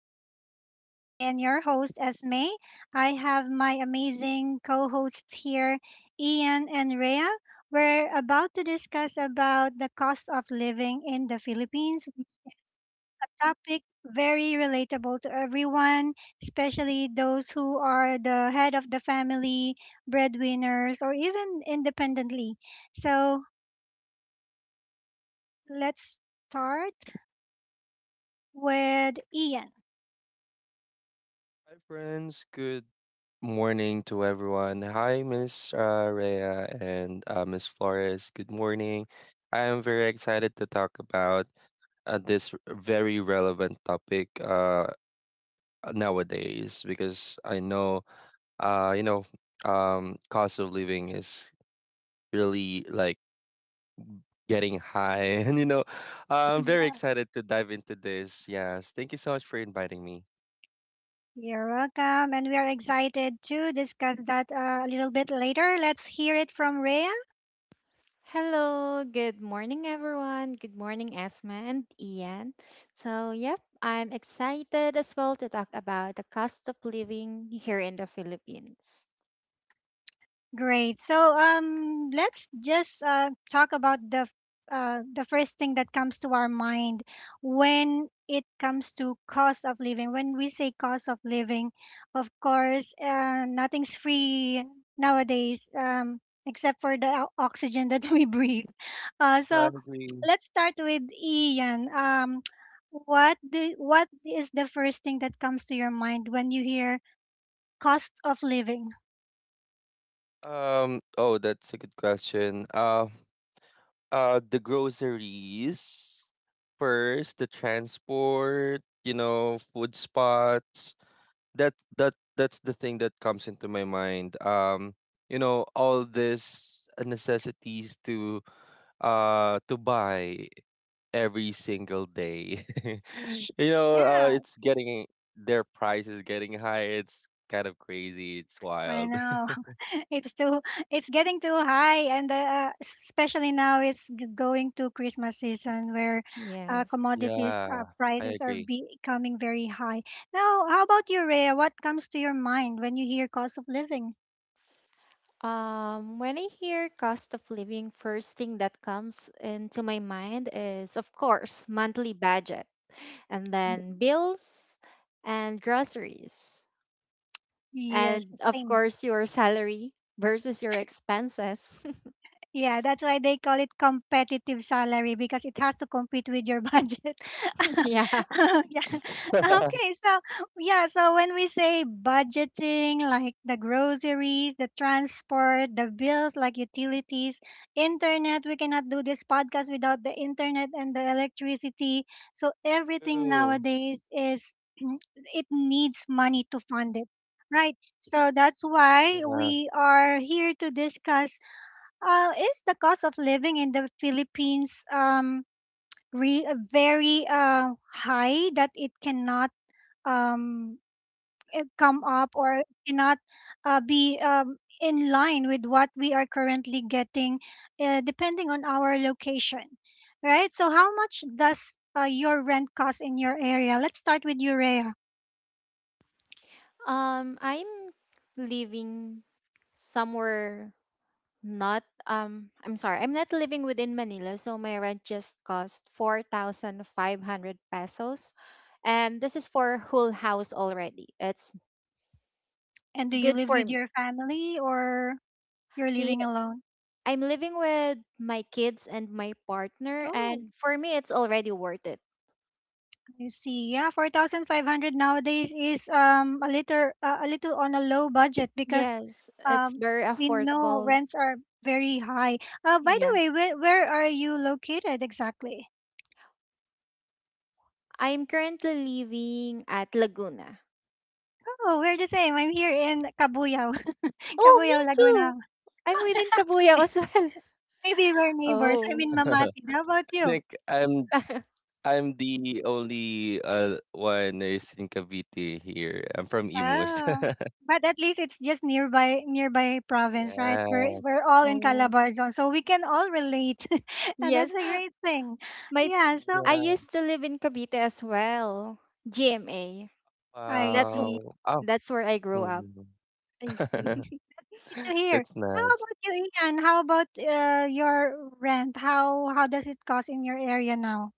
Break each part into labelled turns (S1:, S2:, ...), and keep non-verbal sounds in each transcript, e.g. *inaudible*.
S1: session. This is again your host, Esme. I have my amazing co-hosts here, Ian and Rhea. We're about to discuss about the cost of living in the Philippines, which is a topic very relatable to everyone, especially those who are the head of the family, breadwinners, or even independently. So let's start with Ian.
S2: Hi, friends. Good morning to everyone. Hi, Miss Rhea and Miss Flores. Good morning. I am very excited to talk about this very relevant topic nowadays because I know, uh, you know, cost of living is really like getting high, *laughs* and I'm very excited to dive into this. Yes, thank you so much for inviting me.
S1: You're welcome. And we are excited to discuss that a little bit later. Let's hear it from Rhea.
S3: Hello, good morning, everyone. Good morning, Esma and Ian. So, yep, I'm excited as well to talk about the cost of living here in the Philippines.
S1: Great. So let's just talk about the first thing that comes to our mind when it comes to cost of living. When we say cost of living, of course, nothing's free nowadays, except for the oxygen that *laughs* we breathe. Uh,
S2: I
S1: so
S2: agree.
S1: let's start with Ian. What is the first thing that comes to your mind when you hear cost of living?
S2: Oh, that's a good question. The groceries first, the transport, food spots. That's the thing that comes into my mind. All this necessities to buy every single day. *laughs* you know,
S1: Yeah.
S2: it's getting Their price is getting high. It's kind of crazy. It's
S1: I
S2: wild.
S1: know.
S2: *laughs*
S1: *laughs* It's too it's getting too high, and especially now it's going to Christmas season where
S3: Yes.
S1: commodities
S2: Yeah, I
S1: prices are
S2: agree.
S1: becoming very high. Now, how about you, Rhea? What comes to your mind when you hear cost of living?
S3: When I hear cost of living, first thing that comes into my mind is, of course, monthly budget, and
S1: Mm.
S3: then bills and groceries,
S1: Yes,
S3: and of
S1: same.
S3: course, your salary versus your expenses.
S1: Yeah, that's why they call it competitive salary, because it has to compete with your budget. *laughs*
S3: *laughs* Yeah.
S1: Yeah. Okay, so yeah, so when we say budgeting, like the groceries, the transport, the bills like utilities, internet, we cannot do this podcast without the internet and the electricity. So everything
S2: True.
S1: nowadays is *clears throat* it needs money to fund it. Right. So that's why
S2: Yeah.
S1: we are here to discuss is the cost of living in the Philippines very high that it cannot um, come up or cannot be in line with what we are currently getting, depending on our location, right? So, how much does your rent cost in your area? Let's start with Urea.
S3: I'm living somewhere not I'm sorry, I'm not living within Manila, so my rent just cost 4,500 pesos. And this is for whole house already. It's
S1: And do you
S3: good
S1: live
S3: for
S1: with
S3: me.
S1: your family, or you're
S3: He,
S1: living alone?
S3: I'm living with my kids and my partner,
S1: Oh.
S3: and for me, it's already worth it.
S1: I see. Yeah, 4,500 nowadays is a little on a low budget, because
S3: Yes, it's
S1: um
S3: very
S1: we know
S3: affordable.
S1: rents are very high. By the
S3: Yeah.
S1: way, where are you located exactly?
S3: I'm currently living at Laguna.
S1: Oh, we're the same. I'm here in Cabuyao,
S3: Oh, me
S1: *laughs*
S3: too.
S1: Laguna.
S3: I'm within Kabuya as well. *laughs*
S1: Maybe we're neighbors. I'm
S3: Oh.
S1: in
S2: *laughs*
S1: Mamati.
S2: I
S1: How about you?
S2: think I'm
S3: *laughs*
S2: I'm the only one is in Cavite here. I'm from Imus.
S1: Oh,
S2: *laughs*
S1: but at least it's just nearby province, right?
S2: Yeah,
S1: We're all in
S3: Oh.
S1: Calabarzon, so we can all relate, *laughs* and that's
S3: Yes,
S1: a great thing.
S3: my
S1: Yeah. So
S3: I
S2: yeah.
S3: used to live in Cavite as well. GMA.
S1: I
S3: That's
S1: see.
S3: wh-
S2: Wow. Oh,
S3: that's where I grew up.
S2: mhm.
S1: I see.
S2: *laughs*
S1: Good to hear.
S2: That's
S1: How
S2: nice.
S1: about you, Ian? How about your rent? How does it cost in your area now?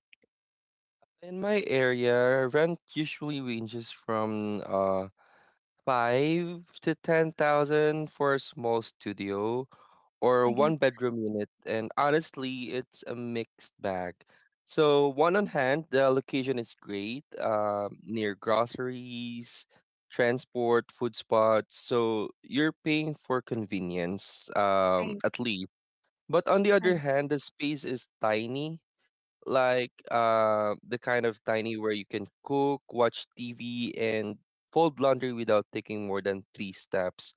S2: In my area, rent usually ranges from five to ten thousand for a small studio, or
S1: My God.
S2: one bedroom unit, and honestly, it's a mixed bag. So, one on hand, the location is great, near groceries, transport, food spots. So, you're paying for convenience,
S1: I
S2: at least. But on the other
S1: I
S2: hand, the space is tiny, like the kind of tiny where you can cook, watch TV, and fold laundry without taking more than three steps.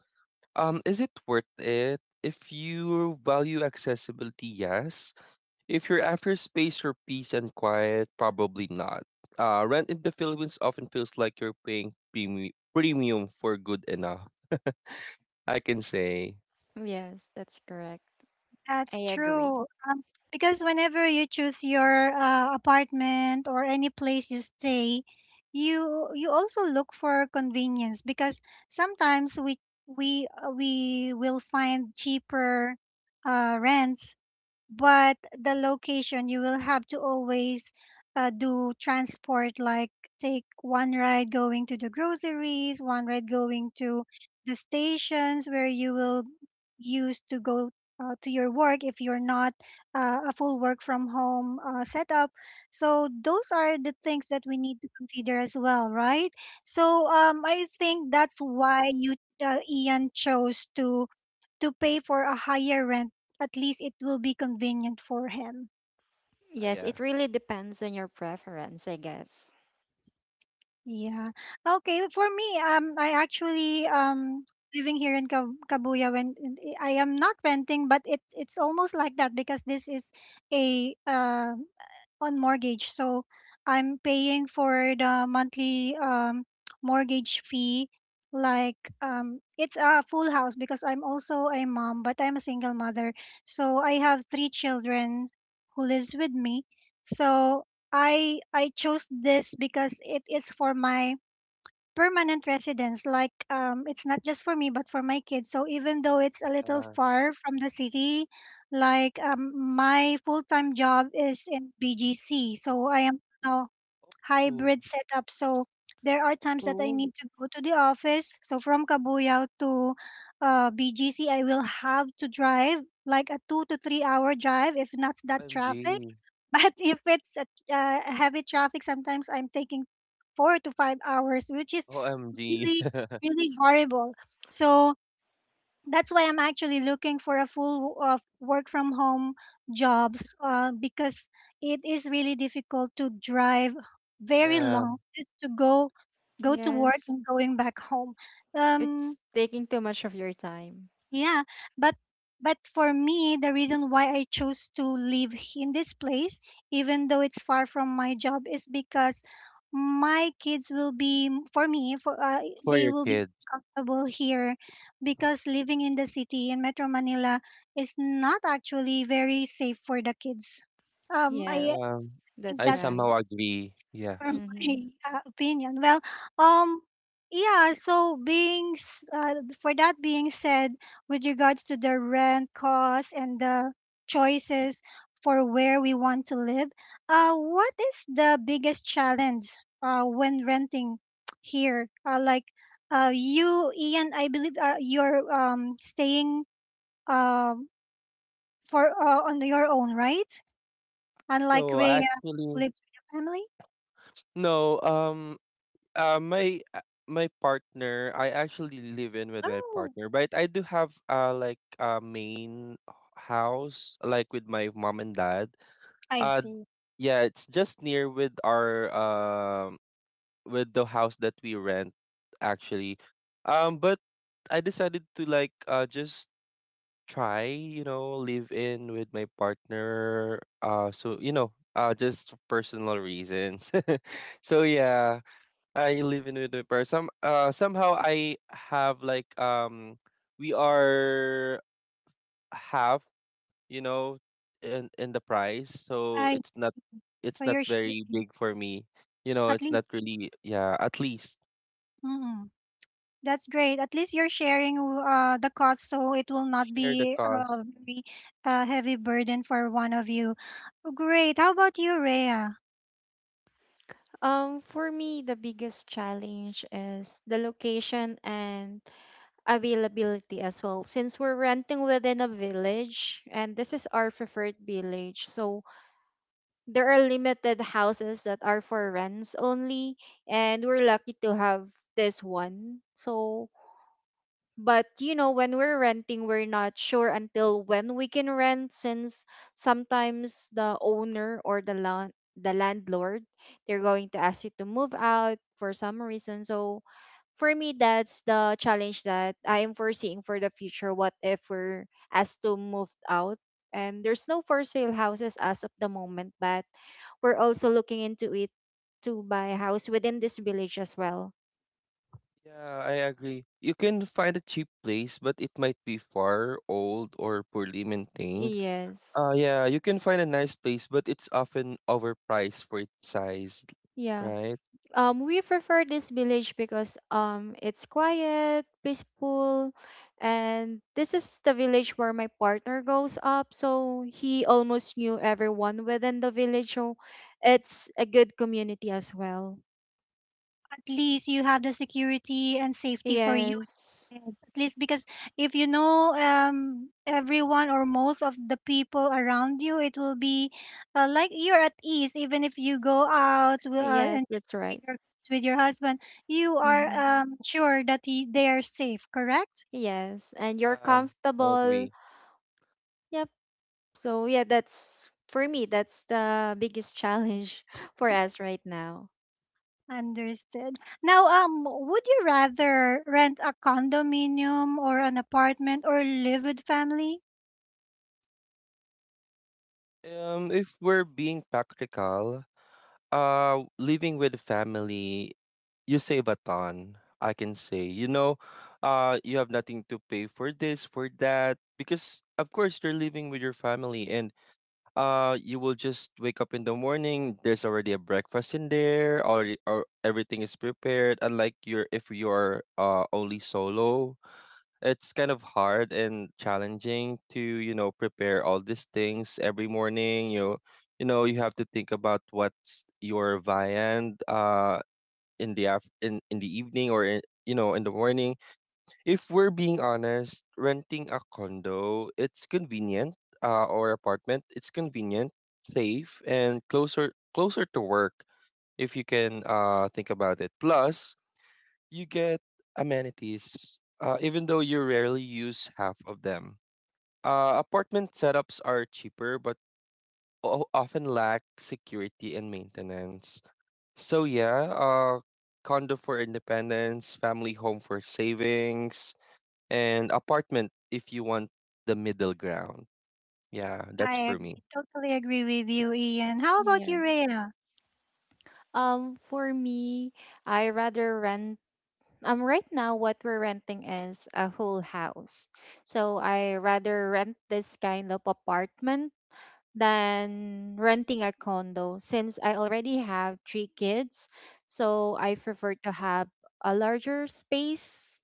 S2: Is it worth it? If you value accessibility, yes. If you're after space for peace and quiet, probably not. Rent in the Philippines often feels like you're paying premium for good enough. *laughs* I can say.
S3: Yes, that's correct. I
S1: That's
S3: agree.
S1: true. Because whenever you choose your apartment or any place you stay, you also look for convenience, because sometimes we will find cheaper rents, but the location you will have to always do transport, like take one ride going to the groceries, one ride going to the stations where you will use to go to your work, if you're not a full work from home setup. So those are the things that we need to consider as well, right? So I think that's why you Ian chose to pay for a higher rent, at least it will be convenient for him.
S3: Yes,
S2: Yeah.
S3: it really depends on your preference, I guess.
S1: Yeah. Okay. For me, I actually living here in Kabuya, when I am not renting, but it's almost like that, because this is a on mortgage. So I'm paying for the monthly mortgage fee. Like it's a full house, because I'm also a mom, but I'm a single mother. So I have three children who lives with me. So I chose this because it is for my permanent residence, like it's not just for me but for my kids, so even though it's a little
S2: Uh,
S1: far from the city, like my full-time job is in BGC, so I am now
S2: oh,
S1: hybrid setup. So there are times that I
S3: Oh.
S1: need to go to the office, so from Kabuyao to BGC I will have to drive, like a 2 to 3 hour drive if not that
S2: O M
S1: traffic.
S2: G,
S1: *laughs* But if it's a heavy traffic, sometimes I'm taking 4 to 5 hours, which is
S2: OMG.
S1: really really horrible. So that's why I'm actually looking for a full of work from home jobs, because it is really difficult to drive
S2: *laughs*
S1: very
S2: Yeah.
S1: long just to go to work
S3: Yes,
S1: and going back home.
S3: it's
S1: um
S3: taking too much of your time.
S1: yeah, but for me, the reason why I chose to live in this place, even though it's far from my job, is because my kids will be for me for
S2: For
S1: they
S2: your
S1: will be
S2: kids.
S1: comfortable here, because living in the city in Metro Manila is not actually very safe for the kids. I
S2: Yeah.
S3: Yes,
S1: think
S3: that's
S2: I
S1: that's
S3: right.
S2: somehow agree. Yeah.
S1: for
S3: Mm-hmm.
S1: my opinion. Well, um, yeah. So for that being said, with regards to the rent costs and the choices for where we want to live, what is the biggest challenge when renting *tsk* here? Like, you, Ian, I believe you're staying um for on your own, right? Unlike
S2: No,
S1: Rhea, who
S2: actually,
S1: lives with your family.
S2: no. Uh, my uh, I actually live in with my
S1: Oh,
S2: partner, but I do have like a main house like with my mom and dad.
S1: I
S2: Uh
S1: see.
S2: yeah, it's just near with our with the house that we rent actually. But I decided to like just try, live in with my partner so just for personal reasons. *laughs* So yeah. I live in Winnipeg. Somehow I have like we are half, you know, in the price, so it's
S1: So
S2: not
S1: you're
S2: very
S1: sharing,
S2: big for me. You know,
S1: at
S2: it's
S1: least.
S2: not really. Yeah, at least
S1: Mm-mm. That's great. At least you're sharing the cost, so it will not
S2: share the
S1: be
S2: cost.
S1: a very heavy burden for one of you. Great. How about you, Rhea?
S3: For me, the biggest challenge is the location and availability as well. Since we're renting within a village, and this is our preferred village, so there are limited houses that are for rents only, and we're lucky to have this one. So but you know, when we're renting, we're not sure until when we can rent, since sometimes the owner or the landlord, they're going to ask you to move out for some reason. So for me, that's the challenge that I am foreseeing for the future. What if we're asked to move out? And there's no for sale houses as of the moment, but we're also looking into it to buy a house within this village as well.
S2: Yeah, I agree. You can find a cheap place, but it might be far, old, or poorly maintained.
S3: Yes.
S2: Yeah, you can find a nice place, but it's often overpriced for its size,
S3: Yeah.
S2: right?
S3: We prefer this village because it's quiet, peaceful, and this is the village where my partner goes up. So he almost knew everyone within the village. So it's a good community as well.
S1: At least you have the security and safety for you.
S3: Yes,
S1: Yes, at least, because if you know everyone or most of the people around you, it will be like you're at ease. Even if you go out
S3: yes,
S1: and just
S3: that's
S1: with
S3: right.
S1: your, with your husband, you
S3: Hmm.
S1: are sure that they are safe, correct?
S3: Yes, and you're
S2: Um, I
S3: comfortable.
S2: agree.
S3: Yep. So yeah, that's for me. That's the biggest challenge *laughs* for us right now.
S1: Understood. Now, would you rather rent a condominium or an apartment, or live with family?
S2: If we're being practical, living with the family, you save a ton. I can say, you have nothing to pay for this, for that, because of course you're living with your family, and you will just wake up in the morning. There's already a breakfast in there, or everything is prepared. Unlike your if you're only solo, it's kind of hard and challenging to prepare all these things every morning. You you know you have to think about what's your viand in the in the evening or in, you know in the morning. If we're being honest, renting a condo, it's convenient, or apartment, it's convenient, safe, and closer to work if you can think about it. Plus you get amenities, even though you rarely use half of them. Apartment setups are cheaper, but often lack security and maintenance. So yeah, condo for independence, family home for savings, and apartment if you want the middle ground. Yeah, that's
S1: I
S2: for
S1: agree,
S2: me.
S1: totally agree with you, Ian. How about you,
S3: Yes.
S1: Rhea?
S3: For me, I rather rent. Right now, what we're renting is a whole house. So I rather rent this kind of apartment than renting a condo, since I already have 3 kids. So I prefer to have a larger space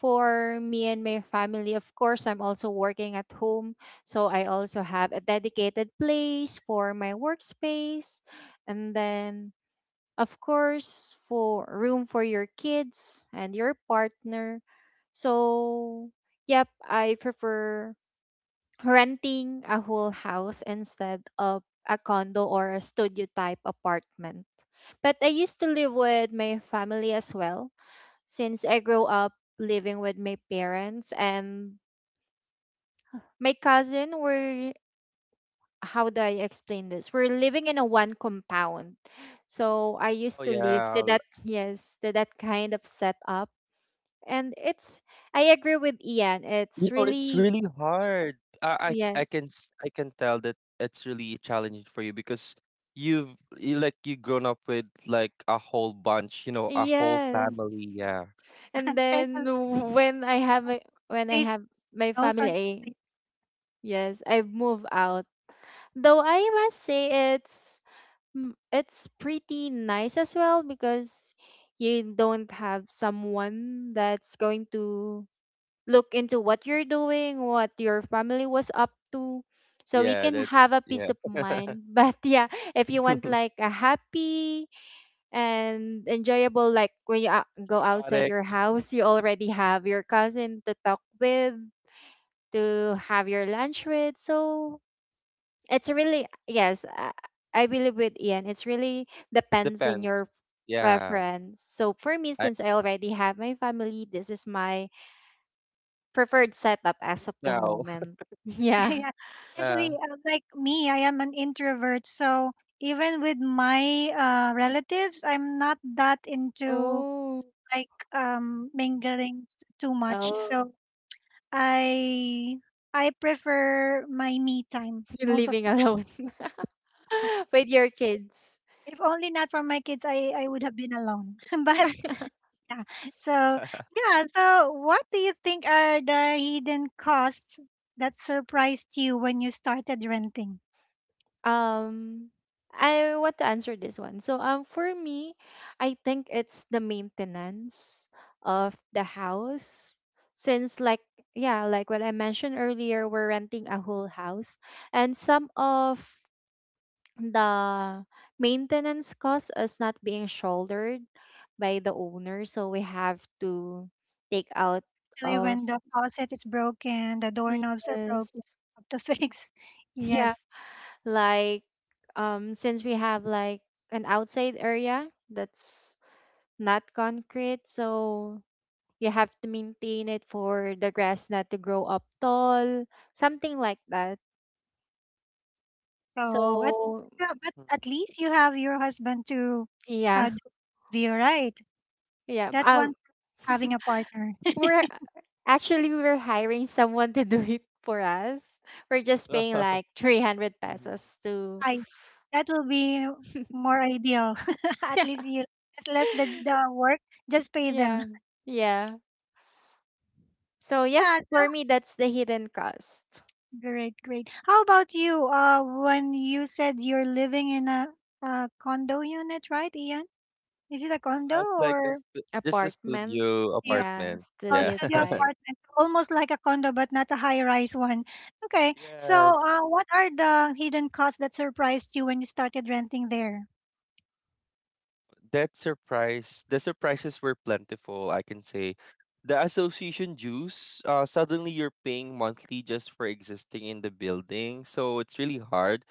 S3: for me and my family. Of course, I'm also working at home. So I also have a dedicated place for my workspace. And then of course, for room for your kids and your partner. So, yep, I prefer renting a whole house instead of a condo or a studio type apartment. But I used to live with my family as well, since I grew up living with my parents and my cousin were How do I explain this? We're living in a one compound. So I used
S2: Oh
S3: to live to
S2: yeah,
S3: that, yes, to that kind of setup. And it's, I agree with Ian. It's
S2: you know, it's
S3: really,
S2: really hard.
S3: yes.
S2: I can tell that it's really challenging for you because you grown up with like a whole bunch, a whole family.
S3: Yes.
S2: Yeah,
S3: And then
S1: *laughs*
S3: when I have my when I
S1: Especially,
S3: have my family,
S1: please,
S3: yes, I've moved out. Though I must say it's it's pretty nice as well because you don't have someone that's going to look into what you're doing, what your family was up to, so we
S2: yeah,
S3: can
S2: that's,
S3: have a
S2: yeah,
S3: peace of mind. *laughs* But yeah, if you want
S2: *laughs*
S3: like a happy and enjoyable, like when you go outside your
S2: chaotic.
S3: house, you already have your cousin to talk with, to have your lunch with. So it's really, yes, I believe with Ian, it's really depends on
S2: Depends.
S3: your
S2: Yeah,
S3: preference. So for me,
S2: I
S3: since I already have my family, this is my preferred setup as
S2: think
S3: of the
S2: now. *laughs*
S3: moment. *laughs*
S1: *laughs*
S3: Yeah.
S1: yeah. Actually,
S2: Yeah.
S1: like me, I am an introvert. So even with my relatives, I'm not that into,
S3: Oh.
S1: like, mingling too much.
S3: Oh,
S1: So I I prefer my me time
S3: *laughs* you're
S1: most of.
S3: living alone *laughs* with your kids.
S1: If only not for my kids, I would have been alone. *laughs* But
S3: *laughs*
S1: so
S2: *laughs*
S1: yeah. So what do you think are the hidden costs that surprised you when you started renting?
S3: Um I want to answer this one. So for me, I think it's the maintenance of the house, since like yeah, like what I mentioned earlier, we're renting a whole house and some of the maintenance cost is not being shouldered by the owner, so we have to take out
S1: Especially
S3: of,
S1: when the faucet is broken, the doorknobs are broken,
S3: yes.
S1: have to fix. *laughs*
S3: *laughs* Yeah,
S1: Yes.
S3: like since we have like an outside area that's not concrete, so you have to maintain it for the grass not to grow up tall, something like that.
S1: So,
S3: So
S1: yeah, but
S2: Mm.
S1: at least you have your husband to
S3: yeah,
S1: do with, right?
S3: yeah,
S1: That's one thing, having a
S3: *laughs*
S1: partner.
S3: we're actually we're hiring someone to *laughs* do it for us. We're just paying
S2: *laughs*
S3: like 300
S2: Mhm.
S3: pesos
S1: *laughs*
S3: to
S1: I that will be
S3: *laughs*
S1: more ideal. *laughs* At least you, just less the work, just pay them.
S3: Yeah. Yeah. So yeah,
S1: Yeah, so,
S3: for me that's the hidden cost.
S1: great, great. How about you? When you said you're living in a condo unit, right, Ian? Is it a condo
S2: It's like a
S1: or
S2: just a
S3: Apartment.
S2: studio
S3: Yeah,
S2: apartment.
S1: A
S2: Yeah.
S3: studio
S1: studio
S2: *laughs*
S3: type.
S1: apartment, almost like a condo, but not a high-rise one. Okay, so
S2: Yes.
S1: what are the hidden costs that surprised you when you started renting there?
S2: that surprise the surprises were plentiful, I can say. The association dues, suddenly you're paying monthly just for existing in the building, so it's really hard.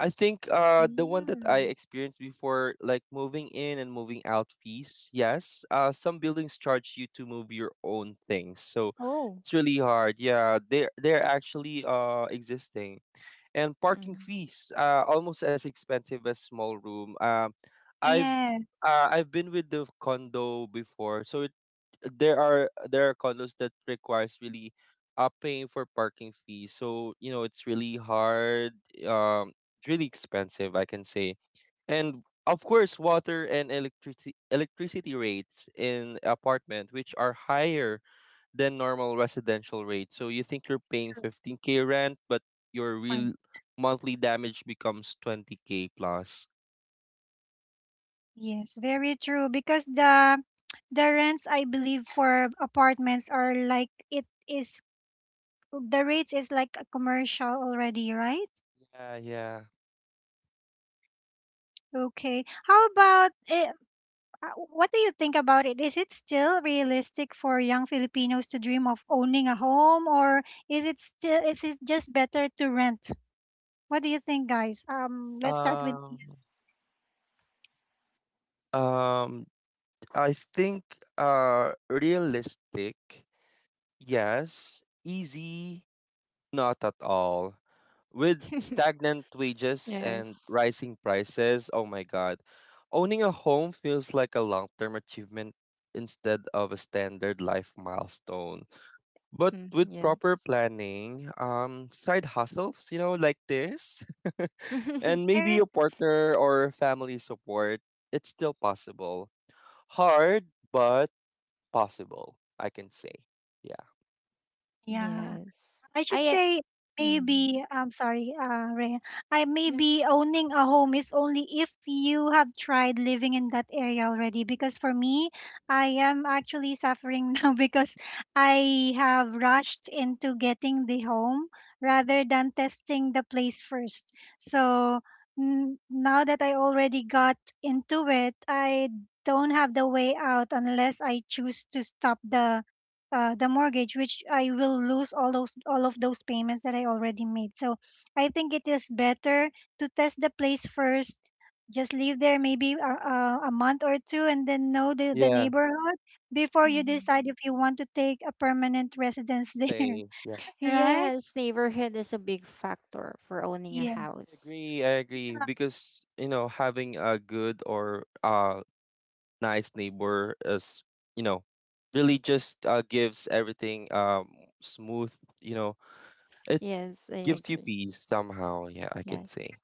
S2: I think the one that I
S3: Mm.
S2: experienced before, like moving in and moving out fees, yes, some buildings charge you to move your own things, so
S3: Oh.
S2: it's really hard. Yeah, they're actually existing. And parking
S3: Mm.
S2: fees are almost as expensive as small room. I've
S1: Yeah,
S2: I've been with the condo before, so there are condos that requires really paying for parking fees. So you know it's really hard. Um, Really expensive, I can say, and of course, water and electricity rates in apartment, which are higher than normal residential rates. So you think you're paying
S1: true
S2: 15K rent, but your
S1: point.
S2: real monthly damage becomes 20K plus.
S1: Yes, very true. Because the rents, I believe, for apartments are like it is the rates is like a commercial already, right?
S2: Yeah, yeah.
S1: Okay. What do you think about it? Is it still realistic for young Filipinos to dream of owning a home, or is it just better to rent? What do you think, guys? Let's start with
S2: Um,
S1: Ian.
S2: um, I think realistic, yes, easy. Not at all. With
S3: *laughs*
S2: stagnant wages and
S3: Yes.
S2: rising prices, oh my God, owning a home feels like a long term achievement instead of a standard life milestone. But
S3: Mm,
S2: with proper
S3: yes.
S2: planning, side hustles, you know, like this, *laughs* and
S3: *laughs*
S2: maybe
S1: Eric?
S2: a partner or family support, it's still possible. Hard, but possible, I can say. Yeah.
S1: Yeah.
S3: Yes.
S1: I should
S3: I
S1: say,
S3: Mm.
S1: maybe I'm sorry, Rhea. I
S3: Yeah.
S1: Maybe owning a home is only if you have tried living in that area already. Because for me, I am actually suffering *laughs* now, because I have rushed into getting the home rather than testing the place first. So now that I already got into it, I don't have the way out unless I choose to stop the mortgage, which I will lose all of those payments that I already made. So I think it is better to test the place first. Just live there maybe a month or two, and then know the
S2: Yeah.
S1: neighborhood before you
S3: Mm.
S1: decide if you want to take a permanent residence *laughs* there,
S2: Stay.
S1: right?
S3: Yes, neighborhood is a big factor for owning a
S1: Yeah.
S2: I
S3: house.
S2: agree, I agree. Because, you know, having a good or nice neighbor is, you know, really just gives everything smooth, you know. It
S3: Yes, I
S2: gives you
S3: agree.
S2: peace somehow, yeah, I can
S3: Yes.
S2: say.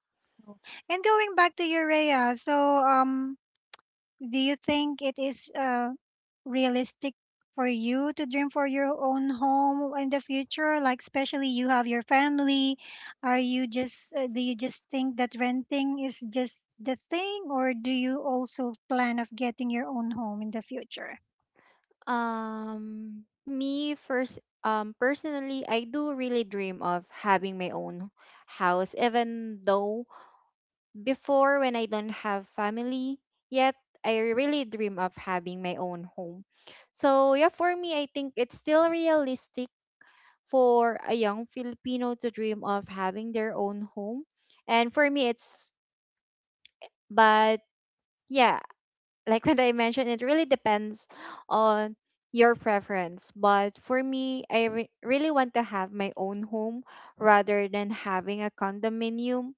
S1: And going back to Urea, so do you think it is realistic for you to dream for your own home in the future, like especially you have your family, are you just do you just think that renting is just the thing, or do you also plan of getting your own home in the future?
S3: Personally, I do really dream of having my own house, even though before when I don't have family yet, I really dream of having my own home. So, yeah, for me, I think it's still realistic for a young Filipino to dream of having their own home. And for me, it's, but yeah, like what I mentioned, it really depends on your preference. But for me, I really want to have my own home rather than having a condominium.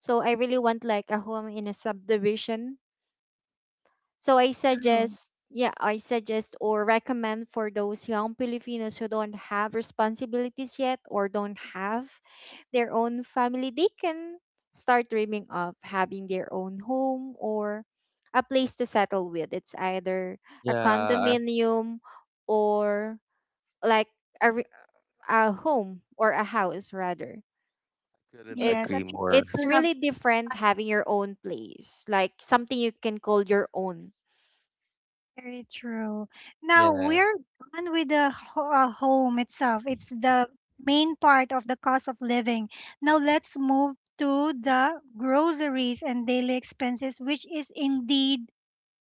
S3: So I really want like a home in a subdivision. So I
S1: True.
S3: suggest, yeah, I suggest or recommend for those young Filipinos who don't have responsibilities yet or don't have their own family, they can start dreaming of having their own home or a place to settle with. It's either a
S2: Yeah, I
S3: condominium or like a, re- a home or a house rather.
S2: couldn't
S3: It
S1: Yes, I
S2: agree
S1: think you
S2: more.
S3: it's
S1: still have.
S3: really different having your own place, like something you can call your own.
S1: Very true. Now
S2: Yeah.
S1: we're done with the home itself. It's the main part of the cost of living. Now let's move to the groceries and daily expenses, which is indeed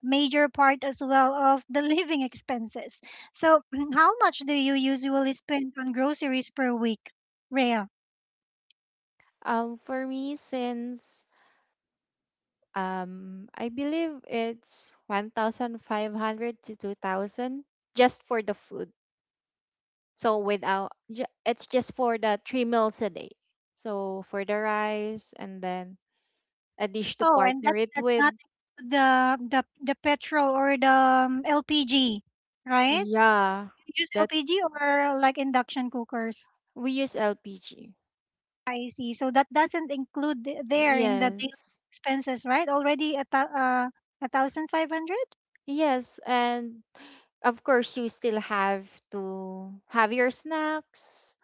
S1: major part as well of the *laughs* living expenses. So *clears throat* how much do you usually spend on groceries per week, Rhea?
S3: For me, since I believe it's 1,500 to 2,000 just for the food. So without, ju- it's just for the 3 meals a day. So for the rice and then a dish to
S1: Oh, and
S3: partner
S1: that,
S3: it
S1: that's
S3: with.
S1: not the petrol or the LPG, right?
S3: Yeah,
S1: Use
S3: that's,
S1: LPG or like induction cookers.
S3: we use LPG.
S1: I see. So that doesn't include there in the daily
S3: Yes.
S1: expenses, right? Already a thousand five hundred.
S3: Yes, and of course you still have to have your snacks.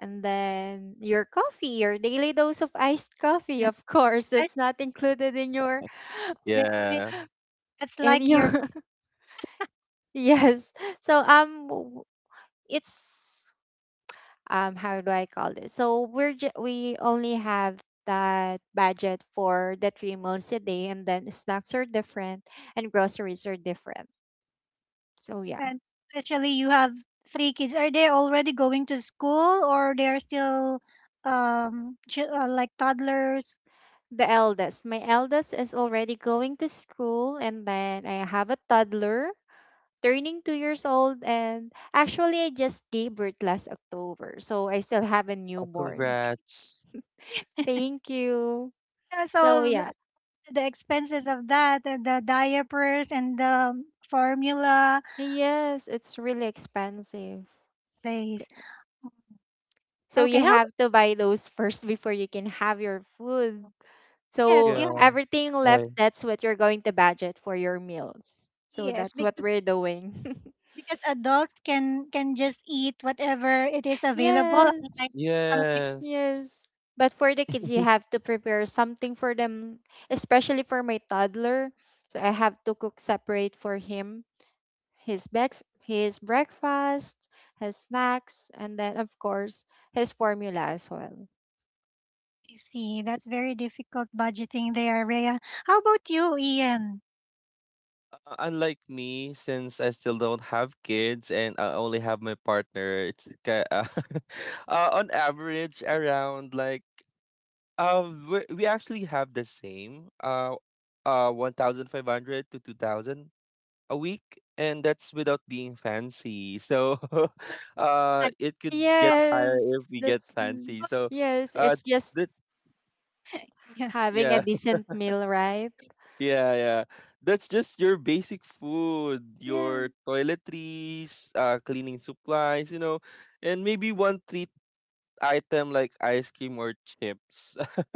S3: And then your coffee, your daily dose of iced coffee,
S1: Yes.
S3: of course, that's not included in your *gasps*
S1: Very, very-
S2: Yeah.
S1: That's
S3: in
S1: like your.
S3: your *laughs* yes. So it's, how do I call this? So we're we only have that budget for the 3 meals a day, and then snacks are different and groceries are different. So yeah.
S1: And especially you have 3 kids. Are they already going to school, or they are still like toddlers?
S3: The eldest, my eldest is already going to school, and then I have a toddler turning 2 years old, and actually I just gave birth last October. So I still have a newborn.
S2: Congrats.
S3: Thank you.
S1: Yeah,
S3: So
S1: so
S3: yeah.
S1: the expenses of that, and the diapers and the formula
S3: Yes, it's really expensive.
S1: days.
S3: So
S1: Okay,
S3: you
S1: help.
S3: have to buy those first *laughs* before you can have your food.
S1: Yes,
S3: So
S1: yeah,
S2: Yeah,
S3: everything left,
S2: I
S3: that's what you're going to budget for your meals. So
S1: yes.
S3: that's what we're doing.
S1: Because adults can just eat whatever it is
S3: *laughs*
S1: available,
S3: Yes.
S1: unlike unlike
S2: yes.
S3: Yes. But for the kids, you have to prepare something for them, especially for my toddler. So I have to cook separate for him, his bex his breakfast, his snacks, and then of course his formula as well.
S1: you. That's very difficult budgeting there, Rhea. How about you, Ian?
S2: Unlike me, since I still don't have kids and I only have my partner, it's *laughs* on average around like we actually have the same 1,500 to 2,000 a week, and that's without being fancy. So, *laughs*
S1: Ad-
S2: it could get higher
S3: Yes,
S2: if we get
S3: that's
S2: fancy. So,
S1: *laughs*
S3: yes,
S2: uh,
S3: it's just
S2: that
S1: yeah,
S3: having a
S2: yeah.
S3: decent meal, right?
S2: Yeah, yeah. That's just your basic food,
S3: Yeah.
S2: your toiletries, cleaning supplies, you know, and maybe one treat item like ice cream or chips. *laughs*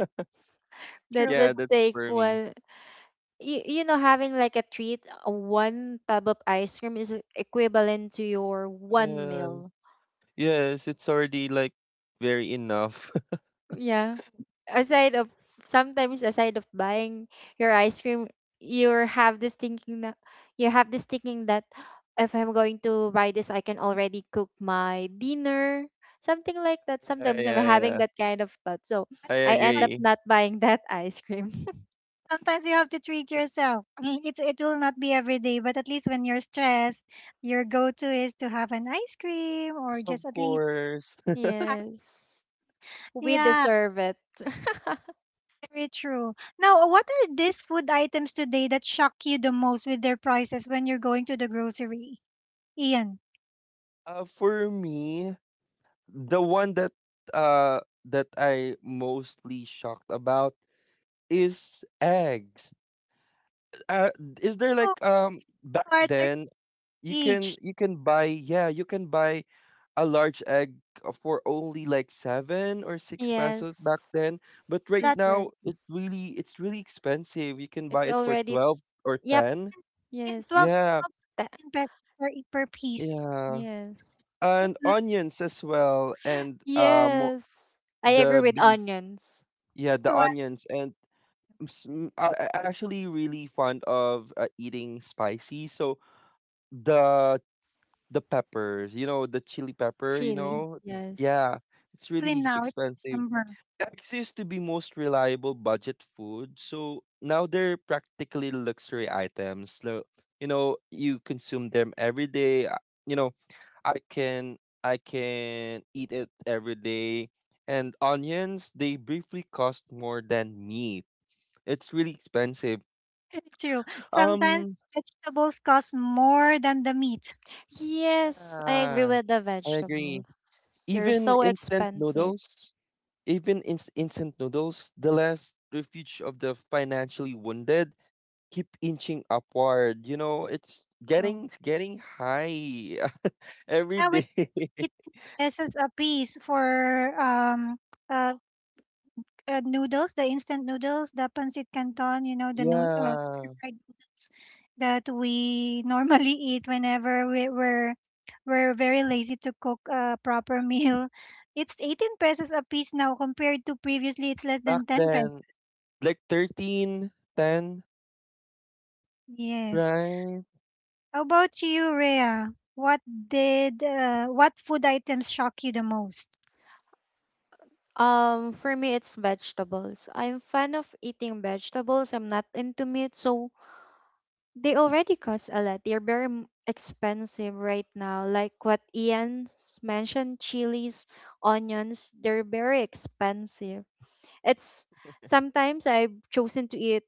S1: true.
S3: That
S2: Yeah,
S3: would
S2: that's
S3: take
S2: for me.
S3: one. You know, having like a treat, one tub of ice cream is equivalent to your one
S2: Uh,
S3: meal.
S2: yes, it's already like very enough. *laughs*
S3: Yeah. Aside of sometimes aside of buying your ice cream, you have this thinking that you have this thinking that if I'm going to buy this, I can already cook my dinner. Something like that.
S2: Yeah,
S3: Sometimes I'm
S2: yeah,
S3: having
S2: yeah.
S3: that kind of thought. So
S2: I
S3: I end
S1: Some-
S3: up
S2: agree.
S3: not buying *laughs* that ice cream. *laughs*
S1: Sometimes you have to treat yourself. I mean, it's it will not be every day, but at least when you're stressed, your go-to is to have an ice cream or
S2: Yes, of
S1: just at least,
S2: course. *laughs*
S1: uh,
S3: Yes. We
S1: yeah,
S3: deserve it. *laughs*
S1: very true. Now, what are these food items today that shock you the most with their prices when you're going to the grocery? Ian.
S2: For me, the one that that I mostly shocked about is eggs. Uh, is there like back
S1: Starter
S2: then
S1: each.
S2: you can buy a large egg for only like 7 or 6 pesos back
S3: Yes.
S2: then, but right
S3: That's
S1: That
S3: right.
S2: now it's really expensive. You can buy
S3: It's
S2: it for
S3: already
S2: 12 or
S3: yep.
S2: 10.
S1: in
S3: Yes.
S1: 12,
S2: Yeah,
S3: That
S1: in pesos per, per piece.
S2: yeah,
S3: yes.
S2: and onions as well, and
S3: Yes. I agree
S2: the
S3: with
S2: beef.
S3: onions.
S2: Yeah, the
S1: To what,
S2: onions and. I'm s- m- I actually really fond of eating spicy, so the the peppers, you know, the chili pepper, you
S3: Chili.
S2: know?
S3: Yes.
S2: Yeah, it's
S1: actually
S2: really
S1: now it's
S2: expensive.
S1: December.
S2: Eggs used to be most reliable budget food, so now they're practically luxury items. So, you know, you consume them every day. You know, I can I can eat it every day. And onions, they briefly cost more than meat. It's really expensive.
S1: True. Sometimes
S2: Um,
S1: vegetables cost more than the meat.
S3: Yes, I agree
S2: yeah,
S3: with the
S2: I agree.
S3: vegetables. They're
S2: Even
S3: so
S2: instant
S3: expensive.
S2: noodles. Even instant noodles, the last refuge of the financially wounded, keep inching upward. You know,
S1: True.
S2: it's getting high *laughs* every
S1: Now it
S2: day. *laughs*
S1: it pesos a piece for um uh noodles, the instant noodles, the pancit canton, you know,
S2: Yeah,
S1: fried noodles that we *laughs* normally eat whenever we're we're very lazy to cook a proper meal. It's 18 pesos a piece now, compared to previously it's less
S2: back
S1: than 10 pesos.
S2: then, like 13, 10,
S1: Yes.
S2: right?
S1: How about you, Rhea? What did, what food items shock you the most?
S3: For me, it's vegetables. I'm fan of eating vegetables. I'm not into meat, so they already cost a lot. They're very expensive right now. Like what Ian's mentioned, chilies, onions, they're very expensive. It's, sometimes I've chosen to eat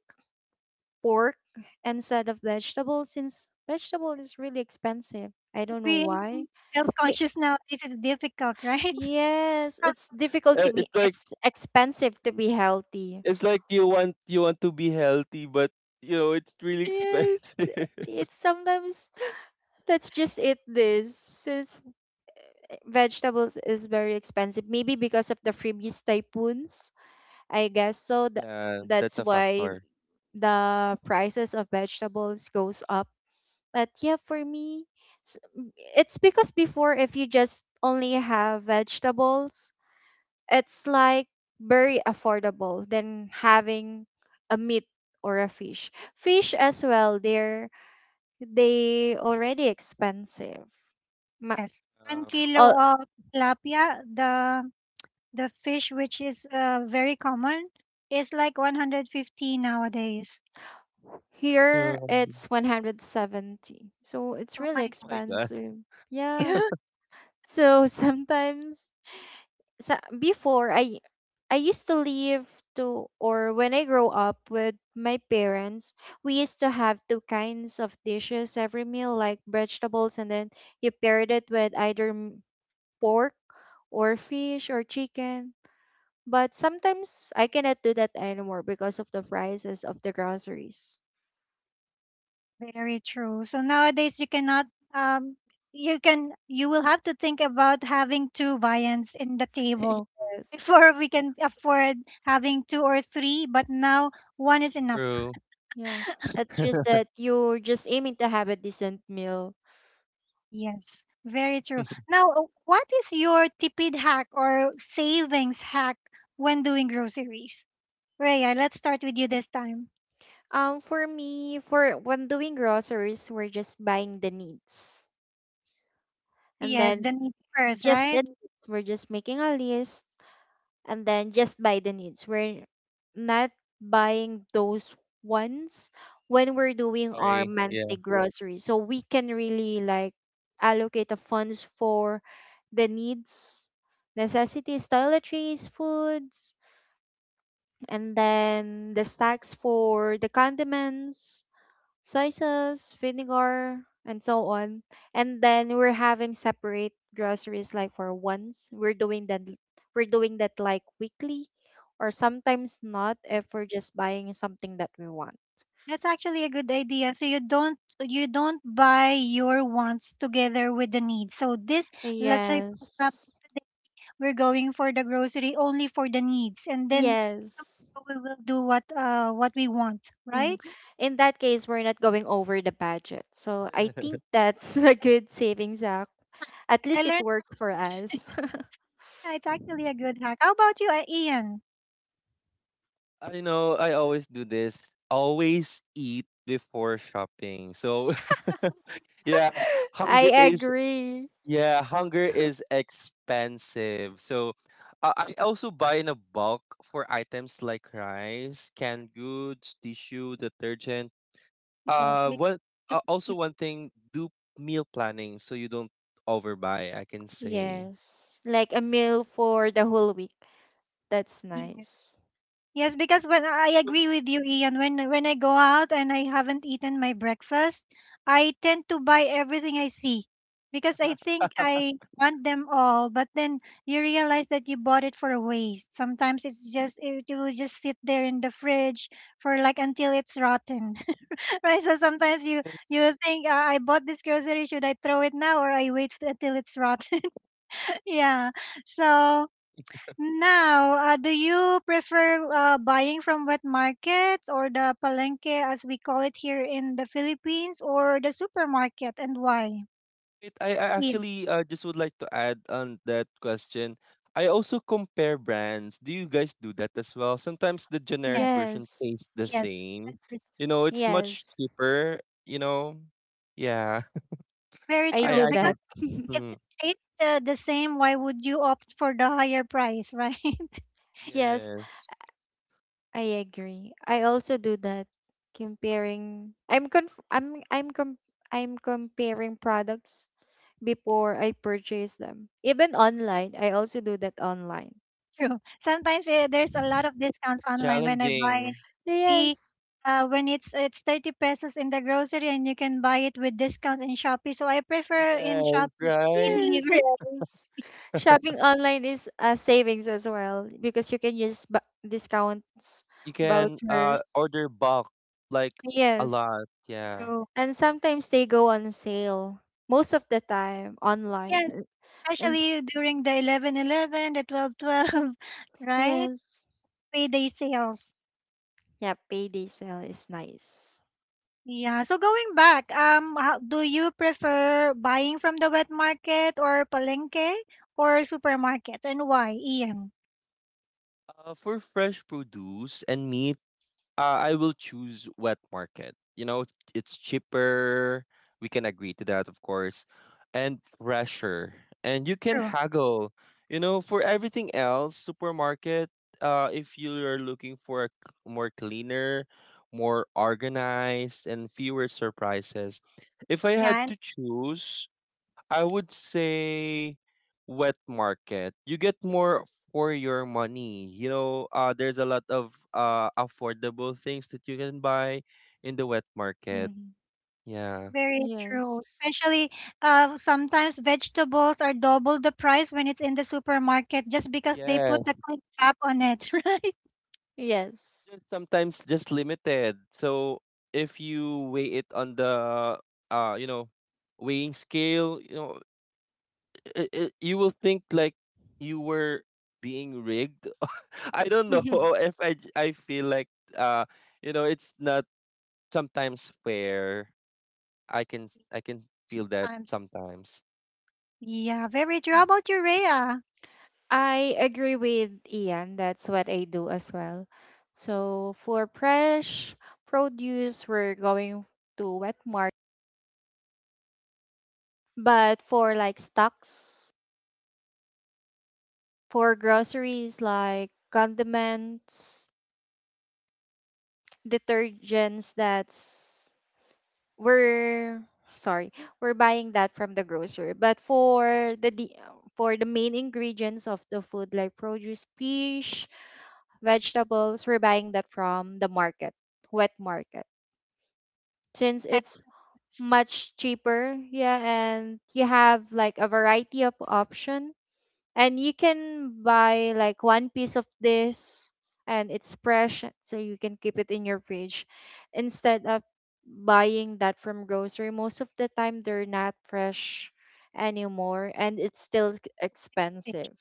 S3: pork instead of vegetables, since vegetable is really expensive. I don't know
S1: Being
S3: why.
S1: health
S3: May-
S1: conscious nowadays is difficult, right? *laughs*
S3: Yes,
S1: Probably,
S3: it's difficult to
S2: It's
S3: be,
S2: like
S3: it's expensive to be healthy.
S2: you want to be healthy, but you know it's really
S3: Yes,
S2: expensive. *laughs*
S3: it's sometimes, let's just eat this, since vegetables is very expensive. Maybe because of the freebies typhoons, I guess so.
S2: Yeah,
S3: That's
S2: that's a
S3: why
S2: factor.
S3: the prices of vegetables goes up. But yeah, for me, s- it's because before, if you just only have vegetables, it's like very affordable than having a meat or a fish. Fish as well, they're they already expensive. Ma-
S1: yes. One
S2: Um,
S1: kilo
S3: uh,
S1: of tilapia, the fish, which is, very common, is like 150 nowadays.
S2: yeah.
S3: here
S2: Oh
S3: it's 170. So it's
S1: Oh my
S3: really
S2: my God.
S3: expensive. Yeah.
S1: God.
S3: So sometimes, before I used to live to, or when I grow up with my parents, we used to have two kinds of dishes every meal, like vegetables, and then you paired it with either pork or fish or chicken. But sometimes I cannot do that anymore because of the prices of the groceries.
S1: *laughs* Very true. So nowadays you cannot, um, you can, you will have to think about having two viands in the
S3: *laughs* Yes.
S1: table *laughs* before we can afford having two or three, but now one is
S2: True.
S1: enough.
S3: Yeah.
S2: *laughs*
S3: It's just that you're just aiming to have a decent meal.
S1: Yes, very true. Now, what is your tipid hack or savings hack when doing groceries? Raya, let's start with you this time.
S3: For me, for when doing groceries, we're just buying the needs. And
S1: Yes, the
S3: then
S1: need first,
S3: just the
S1: right?
S3: needs, we're just making a list and then just buy the needs. We're not buying those ones when we're doing our
S2: Sorry. Yeah.
S3: monthly groceries. So we can really like allocate the funds for the needs, necessities, toiletries, foods, and then the stacks for the condiments, soy sauce, vinegar, and so on. And then we're having separate groceries like for once. We're doing that like weekly or sometimes not if we're just buying something that we want.
S1: That's actually a good idea. So you don't, you don't buy your wants together with the needs. So this, let's say for example,
S3: Yes.
S1: we're going for the grocery only for the needs, and then
S3: Yes.
S1: we will do what, uh, what we want,
S3: Hmm.
S1: right?
S3: In that case, we're not going over the budget. So I think that's *laughs* a good savings act. At
S1: I
S3: least it
S1: learned
S3: works for us.
S1: that it's actually a good hack. How about you, Ian?
S2: I know I always do this. Always eat before shopping. So *laughs* yeah,
S3: *laughs* I
S2: hunger is
S3: agree.
S2: yeah, hunger is expensive. So I also buy in a bulk for items like rice, canned goods, tissue, detergent.
S1: Yes,
S2: One Also one thing do meal planning so you don't overbuy, I can say.
S3: Yes. Like a meal for the whole week. That's
S1: because,
S3: nice.
S1: yes, because when, I agree with you, Ian, when I go out and I haven't eaten my breakfast, I tend to buy everything I see because I
S2: *laughs*
S1: think I want them all. But then you realize that you bought it for a waste. Sometimes it's just, it will just sit there in the fridge for like until it's rotten, *laughs* right? So sometimes you, you think, I bought this grocery, should I throw it now or I wait until it's rotten? *laughs* Yeah. So now, do you prefer, buying from wet markets or the palenque, as we call it here in the Philippines, or the supermarket, and why?
S2: I
S1: Yes,
S2: actually just would like to add on that question. I also compare brands. Do you guys do that as well? Sometimes the generic
S1: yes,
S2: version
S3: Yes.
S2: tastes the
S1: yes.
S2: same.
S1: It's
S2: You know, it's much
S3: Yes.
S2: cheaper, you know? Yeah.
S1: very
S3: I
S2: I
S1: true.
S3: do
S2: actually.
S1: Because
S3: that. *laughs*
S1: if
S2: Mhm.
S1: it tastes, the same, why would you opt for the higher price, right? *laughs*
S3: Yes,
S2: Yes.
S3: I agree. I also do that. Comparing, I'm conf- I'm com- I'm comparing products before I purchase them. Even online, I also do that online.
S1: True. Sometimes, eh, there's a lot of discounts
S2: It's
S1: online when I buy
S2: challenging.
S1: the,
S3: Yes,
S1: when it's 30 pesos in the grocery and you can buy it with discounts in Shopee. So I prefer in
S2: Yes,
S1: Shopee, free
S2: right?
S3: yes,
S1: delivery.
S3: yes. Shopping online is a savings as well because you can use discounts,
S2: You can
S3: vouchers.
S2: order bulk, like a
S3: Yes,
S2: lot. Yeah.
S1: *laughs*
S3: and sometimes they go on sale most of the time online.
S1: Yes,
S3: And s-
S1: especially during the 11 11, the 12 12, *laughs* right?
S3: yes,
S1: Payday sales.
S3: yeah, payday sale is nice.
S1: Yeah, so going back, how, do you prefer buying from the wet market or palengke or supermarkets, and why, Ian?
S2: For fresh produce and meat, I will choose wet market. You know, it's cheaper. We can agree to that, of course, and fresher. And you can
S1: True.
S2: haggle. You know, for everything else, supermarket. If you are looking for a more cleaner, more organized, and fewer surprises. If I had
S1: Yeah, and
S2: to choose, I would say wet market. You get more for your money. You know, there's a lot of affordable things that you can buy in the wet market.
S3: Hmm.
S2: Yeah.
S1: very true.
S3: Yes,
S1: Especially, sometimes vegetables are double the price when it's in the supermarket just because they
S2: Yeah.
S1: put a quick cap on it, *laughs* right?
S3: yes.
S2: Just sometimes just limited. So if you weigh it on the you know, weighing scale, you know, you will think like you were being rigged. *laughs* I don't know
S3: *laughs*
S2: *laughs* if I j- I feel like uh you know it's not sometimes fair. I can feel that
S1: Sometimes.
S2: sometimes.
S1: Yeah, very true. How about you, Rhea?
S3: I agree with Ian, that's what I do as well. So for fresh produce, we're going to wet market, but for like stocks for groceries like condiments, detergents, we're sorry, we're buying that from the grocer. But for the main ingredients of the food like produce, fish, vegetables, we're buying that from the market, wet market. Since
S1: I
S3: it's
S1: see.
S3: much cheaper, yeah, and you have like a variety of option, and you can buy like one piece of this and it's fresh so you can keep it in your fridge instead of buying that from grocery, most of the time they're not fresh anymore and it's still expensive.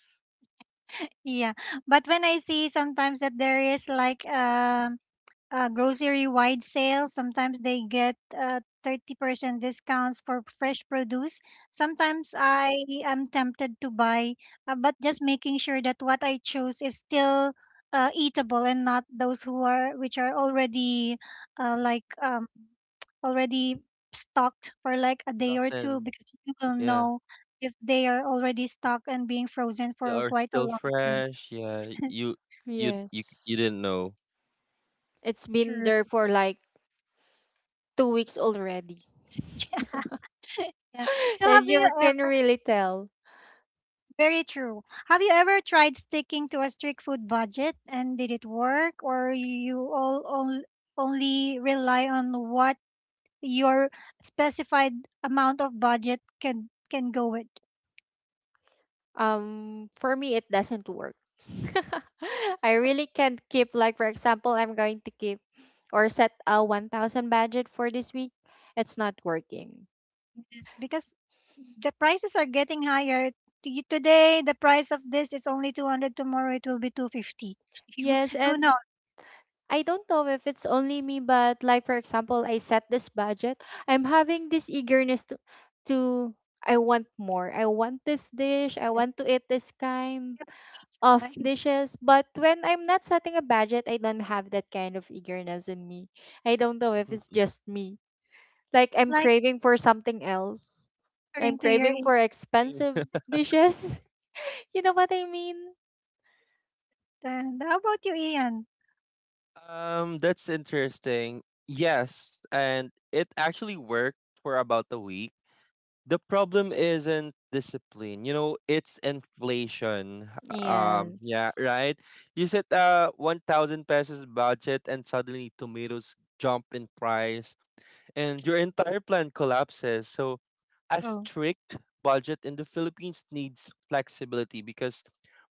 S1: Yeah, but when I see sometimes that there is like, um, a grocery wide sale, sometimes they get, 30% discounts for fresh produce. Sometimes I am tempted to buy, but just making sure that what I choose is still, eatable and not those who are, which are already,
S2: Um,
S1: like, um, already stocked for like a day or two,
S2: Rotten,
S1: because you will
S2: yeah,
S1: know if they are already stocked and being frozen
S2: they
S1: for
S2: are
S1: quite a
S2: still
S1: long time.
S2: fresh. Yeah, you
S3: Yes.
S2: didn't know.
S3: It's been
S1: True.
S3: there for like 2 weeks already.
S1: *laughs* Yeah. So
S3: *laughs*
S1: have
S3: And
S1: you
S3: you can
S1: ever,
S3: really tell.
S1: very true, have you ever tried sticking to a strict food budget, and did it work, or you all only rely on what your specified amount of budget can go with?
S3: For me, it doesn't work. *laughs* I really can't keep, like, for example, I'm going to keep or set a 1,000 budget for this week. It's not working.
S1: Yes, because the prices are getting higher. Today the price of this is only 200, tomorrow it will be 250. *laughs* You,
S3: Yes,
S1: who
S3: and
S1: knows?
S3: I don't know if it's only me, but like, for example, I set this budget. I'm having this eagerness to, I want more. I want this dish. I want to eat this kind of
S1: Right?
S3: dishes. But when I'm not setting a budget, I don't have that kind of eagerness in me. I don't know if it's
S2: *laughs*
S3: just me.
S1: *laughs* It's
S3: Like I'm
S1: like
S3: craving for something else. I'm
S1: according to your
S3: craving for expensive
S2: Mm.
S3: dishes. *laughs* You know what I mean?
S1: intent. How about you, Ian?
S2: That's interesting. Yes, and it actually worked for about a week. The problem isn't discipline, you know, it's inflation. Yeah,
S3: Yes.
S2: right. You set a 1,000 pesos budget and suddenly tomatoes jump in price, and your entire plan collapses. So, a strict budget in the Philippines needs flexibility because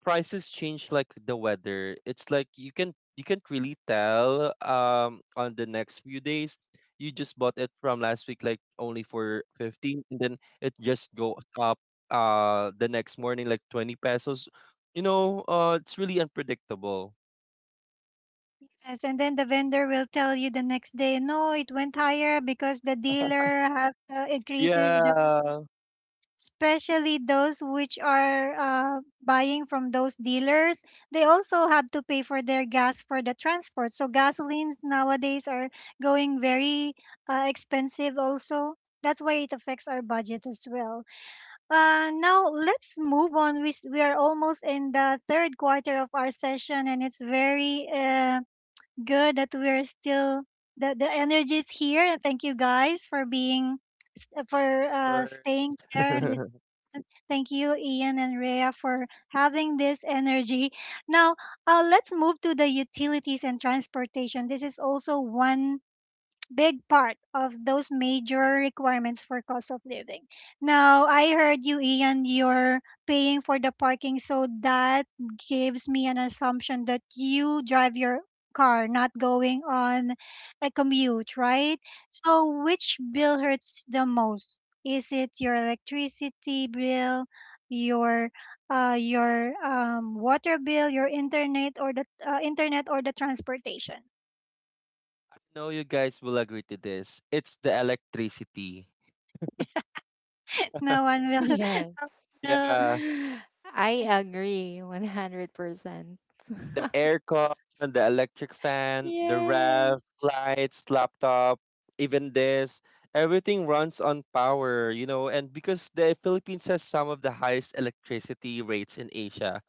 S2: prices change like the weather. It's like you can't really tell on the next few days. You just bought it from last week like only for 15 and then it just goes up the next morning like 20 pesos. You know, it's really unpredictable.
S1: Yes, and then the vendor will tell you the next day, no, it went higher because the dealer have, increases the,
S2: Yeah.
S1: especially those which are, buying from those dealers. They also have to pay for their gas for the transport. So gasolines nowadays are going very, expensive also. That's why it affects our budget as well. Now let's move on. We are almost in the 3rd quarter of our session, and it's very, good that we're still the energy is here. And thank you guys for being for, staying there.
S2: of *laughs*
S1: Thank you, Ian and Rhea, for having this energy. Now, let's move to the utilities and transportation. This is also one big part of those major requirements for cost of living. Now, I heard you, Ian, you're paying for the parking, so that gives me an assumption that you drive your car, not going on a commute, right? So, which bill hurts the most? Is it your electricity bill, your, your, water bill, your internet, or the, internet or the transportation?
S2: know you guys will agree to this. It's the electricity.
S1: No one
S3: Yes.
S1: will
S3: *laughs*
S2: Yeah,
S1: *laughs*
S3: I
S1: will.
S3: agree 100%.
S2: the
S3: *laughs*
S2: aircon, the electric fan, the ref,
S3: Yes.
S2: lights, laptop, even this. Everything runs on power, you know, and because the Philippines has some of the highest electricity rates in Asia,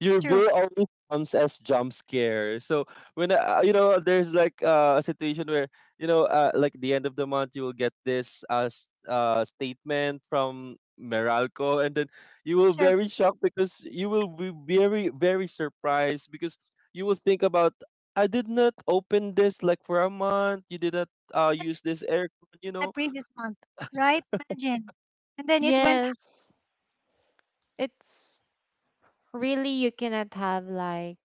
S2: your
S1: True.
S2: bill always comes as jump scare. So when you know there's like a situation where you know like the end of the month you will get this statement from Meralco and then you will very shocked because you will be very surprised because you will think about I did not open this like for a month. You did not use
S1: Surpassed
S2: this aircon. You
S1: the
S2: know.
S1: previous month, right? Imagine. And then it went
S3: Yes. It's really you cannot have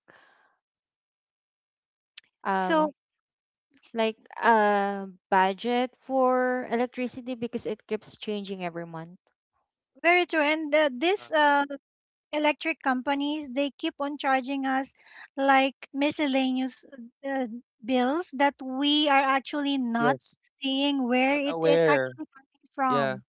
S3: um
S1: so
S3: like a budget for electricity because it keeps changing every month.
S1: very true.
S2: Ah.
S1: And, this, electric companies, they keep on charging us like miscellaneous, uh, bills that we are actually
S2: Yes.
S1: not seeing
S2: Not
S1: where it is
S2: aware.
S1: actually coming
S2: Yeah.
S1: from,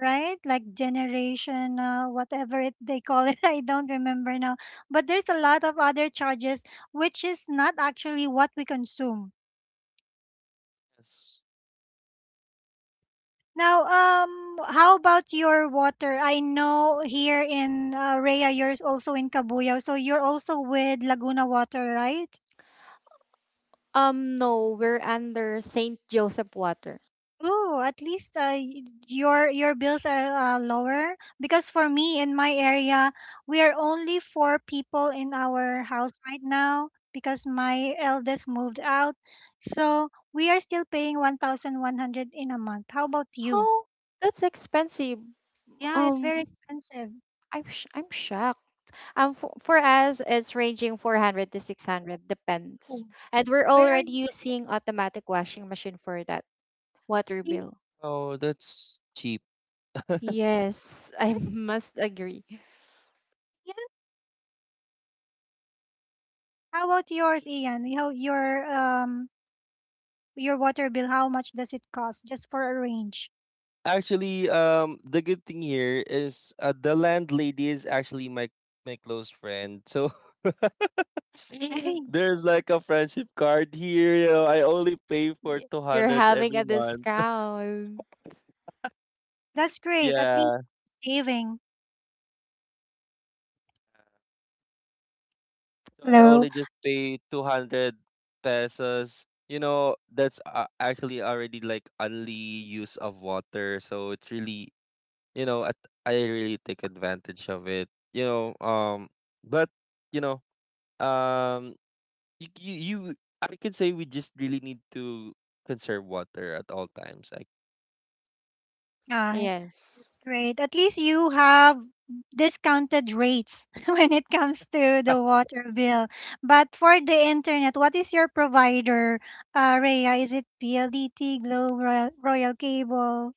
S1: right? Like generation, whatever it they call it, *laughs* I don't remember now. But there's a lot of other charges which is not actually what we consume.
S2: Yes.
S1: Now, how about your water? I know here in, Rea, you're also in Cabuyao, so you're also with Laguna Water, right?
S3: No, we're under Saint Joseph water.
S1: Oh, at least, your bills are, lower, because for me in my area, we are only 4 people in our house right now because my eldest moved out. So we are still paying 1,100 in a month. How about you?
S3: Oh, that's expensive.
S1: Yeah, it's
S3: Um,
S1: very expensive.
S3: I'm shocked. For us, it's ranging 400 to 600, depends.
S1: Oh,
S3: And we're
S1: where are
S3: already
S1: you
S3: using automatic washing machine for that water
S1: located?
S3: bill.
S2: Oh, that's cheap. *laughs*
S3: Yes, I *laughs*
S1: Where is it?
S3: must agree.
S1: Yes. How about yours, Ian? Your, um, your water bill, how much does it cost? Just for a range.
S2: Actually, the good thing here is the landlady is actually my close friend. So *laughs*
S1: *laughs* I
S2: *laughs*
S1: think
S2: there's like a friendship card here, you know. I only pay for
S3: You're
S2: 200
S3: having
S2: every
S3: a
S2: month.
S3: discount.
S1: that's great. At least
S2: Yeah.
S1: saving.
S2: So I
S1: Hello.
S2: only just pay 200 pesos. You know, that's actually already like only use of water. So it's really, you know, at, I really take advantage of it. You know, um, but you know, um, you, you, you, I can say we just really need to conserve water at all times. Like
S1: Aye.
S3: Yes.
S1: That's great. At least you have discounted rates *laughs* when it comes to the
S2: *laughs*
S1: water bill. But for the internet, what is your provider, Rhea? Is it PLDT, Globe, Royal, Royal Cable?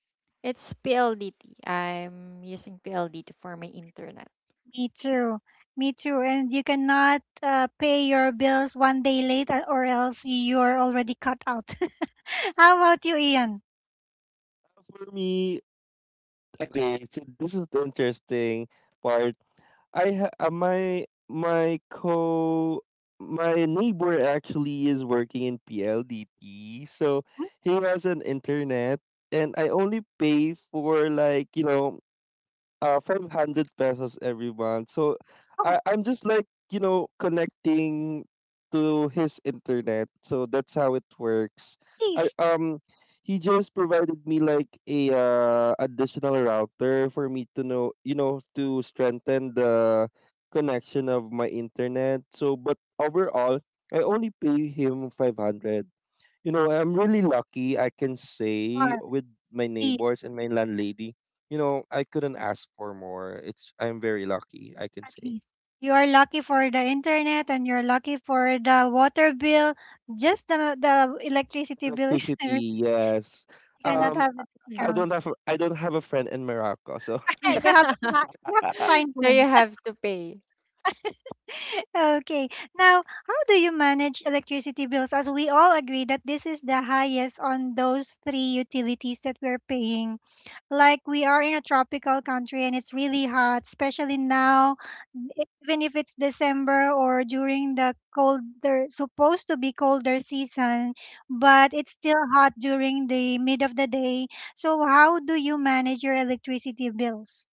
S3: It's PLDT. I'm using PLDT for my internet.
S1: Me too. Me too. And you cannot, pay your bills 1 day late, or else you're already cut out. *laughs* How about you, Ian?
S2: for me, okay, so this is the interesting part. I ha- my my co my neighbor actually is working in PLDT, so
S1: Hmm?
S2: he has an internet, and I only pay for like you know 500 pesos every month. So
S1: Oh,
S2: I'm
S1: at
S2: just like, you know, connecting to his internet. So that's how it works. I
S1: least.
S2: he just provided me like a additional router for me to know, you know, to strengthen the connection of my internet. So but overall, I only pay him 500. You know, I'm really lucky, I can
S1: Or
S2: say,
S1: at
S2: with my
S1: least,
S2: neighbors and my landlady. You know, I couldn't ask for more. It's I'm very lucky, I can
S1: at
S2: say.
S1: least. You are lucky for the internet and you're lucky for the water bill. Just the electricity bill is *laughs* you
S2: Electricity, yes.
S1: cannot
S2: Um,
S1: have a discount.
S3: Mhm.
S2: I don't have a friend in Morocco, so *laughs*
S1: *laughs* You have to
S3: *laughs*
S1: you have to find
S3: So
S1: one.
S3: you have to pay.
S1: Okay. Now, how do you manage electricity bills? As we all agree that this is the highest on those three utilities that we're paying. Like we are in a tropical country and it's really hot, especially now, even if it's December or during the colder, supposed to be colder season, but it's still hot during the mid of the day. So, how do you manage your electricity bills?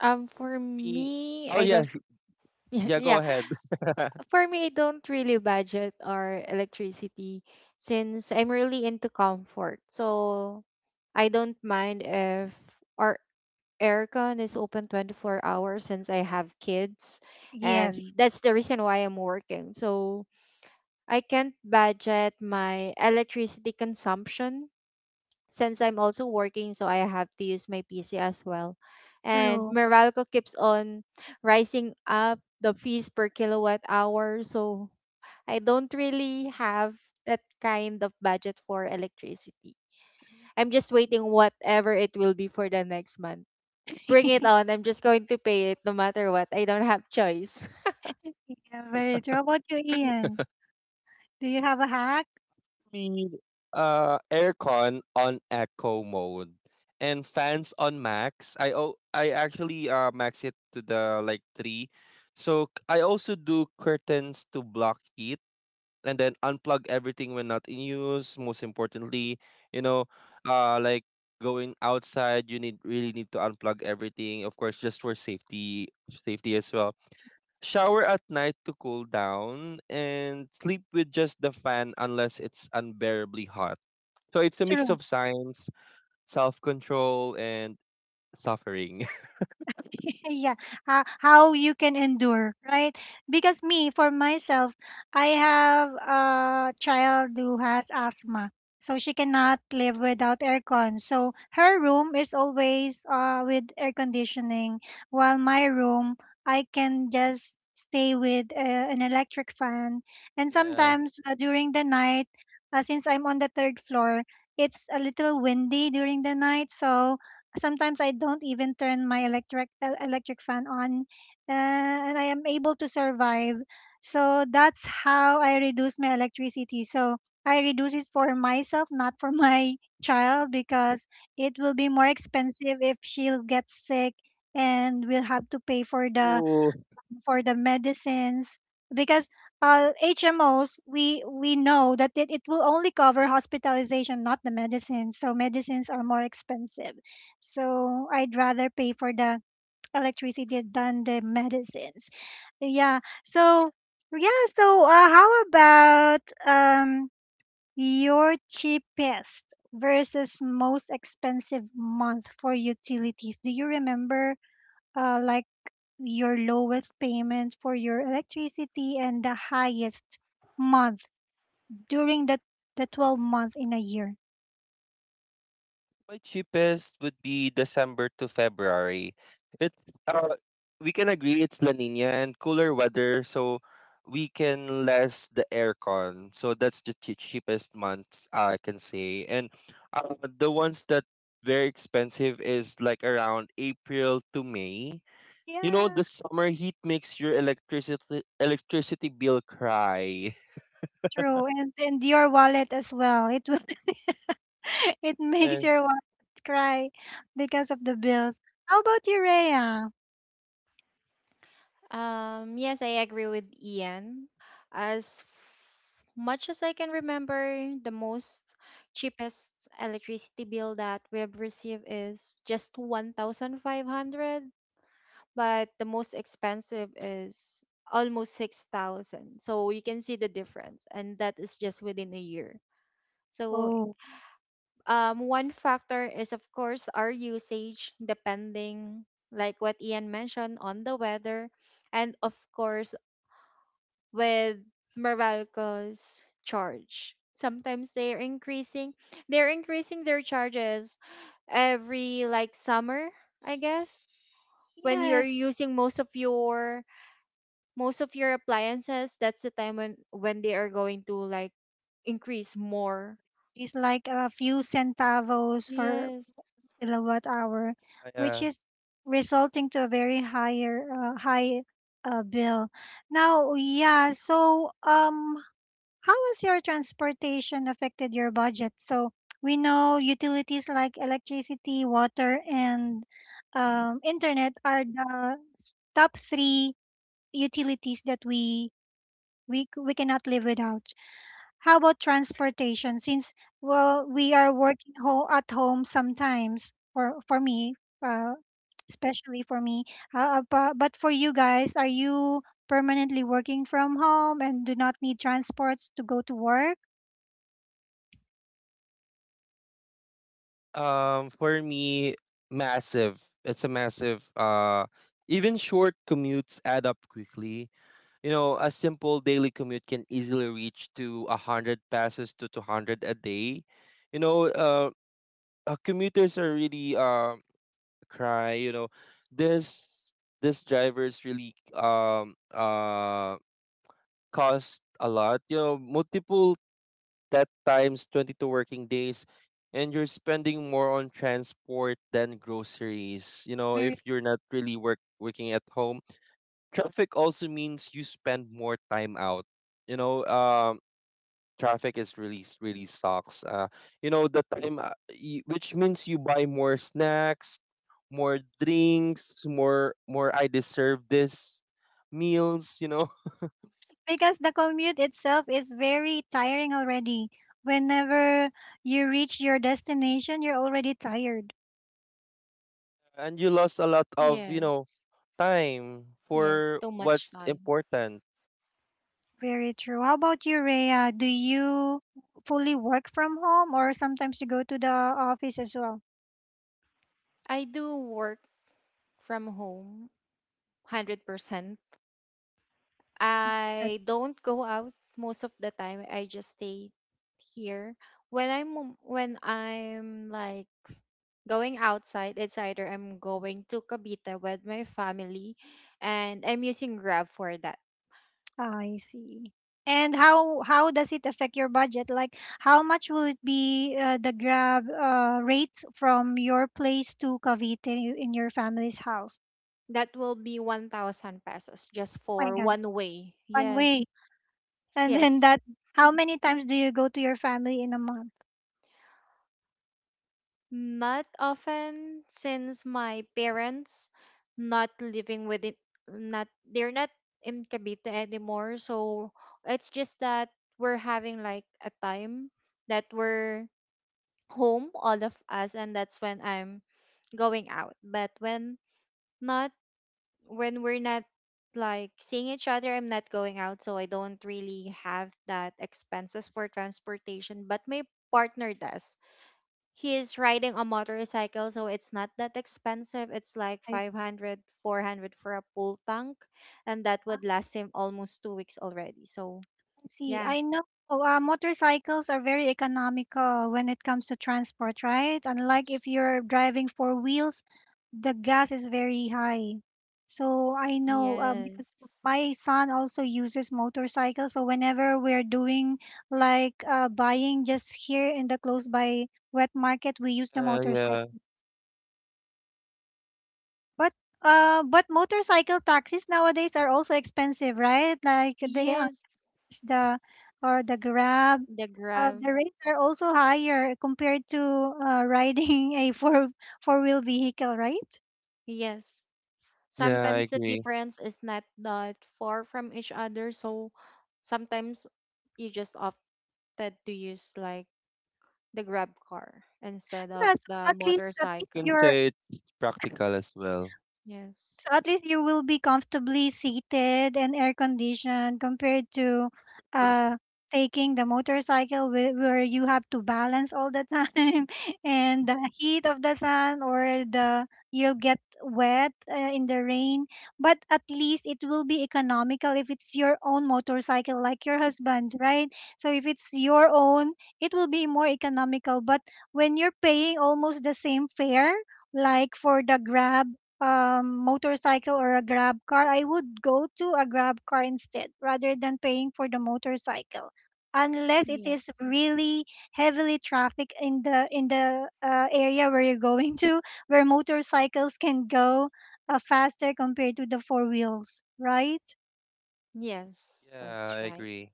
S3: For
S2: me.
S3: me,
S2: Oh
S3: I
S2: yeah,
S3: don't. *laughs*
S2: yeah. Go
S3: Yeah,
S2: ahead. *laughs*
S3: for me, I don't really budget our electricity since I'm really into comfort. So I don't mind if our aircon is open 24 hours since I have kids.
S1: Yes,
S3: And that's the reason why I'm working. So I can't budget my electricity consumption since I'm also working. So I have to use my PC as well. And
S1: true.
S3: Meralco keeps on rising up the fees per kilowatt hour. So I don't really have that kind of budget for electricity. I'm just waiting whatever it will be for the next month. Bring it
S1: *laughs*
S3: on. I'm just going to pay it no matter what. I don't have choice. *laughs*
S1: Yeah, very true. How about you, Ian? Do you have a hack?
S2: Me, aircon on eco mode and fans on max. I actually max it to the like three. So I also do curtains to block heat and then unplug everything when not in use. Most importantly, you know, like going outside, you need really need to unplug everything. Of course, just for safety, safety as well. Shower at night to cool down and sleep with just the fan unless it's unbearably hot. So it's a mix
S1: True.
S2: of science, self control, and suffering.
S1: *laughs* Yeah. How you can endure, right? Because me, for myself, I have a child who has asthma. So she cannot live without aircon. So her room is always, with air conditioning, while my room, I can just stay with, an electric fan. And
S2: *laughs* Yeah.
S1: sometimes, during the night, since I'm on the 3rd floor, it's a little windy during the night. So sometimes I don't even turn my electric fan on, and I am able to survive. So that's how I reduce my electricity. So I reduce it for myself, not for *laughs* my child, because it will be more expensive if she'll get sick and we'll have to pay for the
S2: Ooh.
S1: for the medicines because HMOs we know that it will only cover hospitalization, not the medicines. So medicines are more expensive. So I'd rather pay for the electricity than the medicines. Yeah. So yeah, so how about um your cheapest versus most expensive month for utilities? Do you remember like your lowest payment for your electricity and the highest month during the 12 month in a year?
S2: My cheapest would be December to February. It uh, we can agree it's La Nina and cooler weather, so we can less the aircon. So that's the cheapest months I can say. And the ones that very expensive is like around April to May. You know,
S1: Yeah,
S2: the summer heat makes your electricity bill cry. *laughs*
S1: true. And your wallet as well. It will *laughs* it makes your
S2: Yes,
S1: wallet cry because of the bills. How about you, Rhea?
S3: Yes, I agree with Ian. As much as I can remember, the most cheapest electricity bill that we have received is just 1,500, but the most expensive is almost 6,000. So you can see the difference, and that is just within a year. So
S1: Oh,
S3: one factor is of course our usage depending like what Ian mentioned on the weather, and of course with Meralco's charge. Sometimes they're increasing their charges every like summer, I guess, when you're
S1: yes.
S3: using most of your appliances, that's the time when they are going to like increase more.
S1: It's like a few centavos for
S3: Yes,
S1: kilowatt hour, which
S2: yeah.
S1: is resulting to a very higher high bill. Now, yeah, so how has your transportation affected your budget? So we know utilities like electricity, water, and internet are the top three utilities that we cannot live without. How about transportation? Since well, we are working at home sometimes. For me, uh, especially for me. But for you guys, are you permanently working from home and do not need transports to go to work?
S2: For me, massive. It's a massive. Even short commutes add up quickly. You know, a simple daily commute can easily reach to a hundred passes to 200 a day. You know, commuters are really cry. You know, this this drivers really cost a lot. You know, multiple that times 22 working days and you're spending more on transport than groceries. You know, if
S1: Very-
S2: you're not really working at home, traffic also means you spend more time out. You know, um, traffic is really really sucks. Uh, you know, the time which means you buy more snacks, more drinks, more I deserve this meals, you know. *laughs*
S1: Because the commute itself is very tiring already. Whenever you reach your destination, you're already tired.
S2: And you lost a lot of, you know,
S3: yes,
S2: time
S3: yes.
S2: for
S3: Too much
S2: what's
S3: time.
S2: important.
S1: Very true. How about you, Rhea? Do you fully work from home, or sometimes you go to the office as well?
S3: I do work from home, 100%. I don't go out most of the time. I just stay here. When I'm like going outside, it's either I'm going to Cavite with my family, and I'm using Grab for that.
S1: I see. And how does it affect your budget? Like how much will it be, the Grab rates from your place to Cavite in your family's house?
S3: That will be 1,000 pesos just
S1: Oh my
S3: for
S1: God,
S3: one way.
S1: one way.
S3: Yes.
S1: And then
S3: Yes.
S1: that, how many times do you go to your family in a month?
S3: Not often since my parents not living with it, not, they're not in Cavite anymore. So it's just that we're having like a time that we're home all of us, and that's when I'm going out. But not when we're not like seeing each other, I'm not going out, so I don't really have that expenses for transportation. But my partner does. He is riding a motorcycle, so it's not that expensive. It's like
S1: I
S3: five
S1: s-
S3: hundred, 400 for a full tank, and that would last him almost 2 weeks already. So,
S1: I see.
S3: yeah.
S1: I know motorcycles are very economical when it comes to transport, right? Unlike if you're driving four wheels, the gas is very high. So I know, because
S3: Yes.
S1: my son also uses motorcycle. So whenever we're doing like buying just here in the close by wet market, we use the
S2: Yeah,
S1: motorcycle. But motorcycle taxis nowadays are also expensive, right? Like they are
S3: Yes.
S1: the or the Grab.
S3: The Grab.
S1: The rates are also higher compared to riding *laughs* a four-wheel vehicle, right?
S3: Yes.
S2: yeah, I
S3: Sometimes the
S2: agree.
S3: difference is not that far from each other, so sometimes you just opted to use like the grab car instead
S1: Yeah,
S3: of
S1: so
S3: the
S1: at
S2: I
S1: least
S2: can
S3: motorcycle.
S1: you're
S2: say it's practical as well.
S3: Yes.
S1: So at least you will be comfortably seated and air conditioned compared to
S2: True.
S1: uh taking the motorcycle where, you have to balance all the time *laughs* and the heat of the sun, or the you'll get wet in the rain. But at least it will be economical if it's your own motorcycle, like your husband's, right? So if it's your own, it will be more economical. But when you're paying almost the same fare, like for the grab motorcycle or a grab car, I would go to a grab car instead, rather than paying for the motorcycle. Unless it is
S3: Yes.
S1: really heavily traffic in the area where you're going to, where motorcycles can go faster compared to the four wheels, right?
S3: Yes,
S2: Yeah,
S3: that's
S2: I
S3: right.
S2: agree.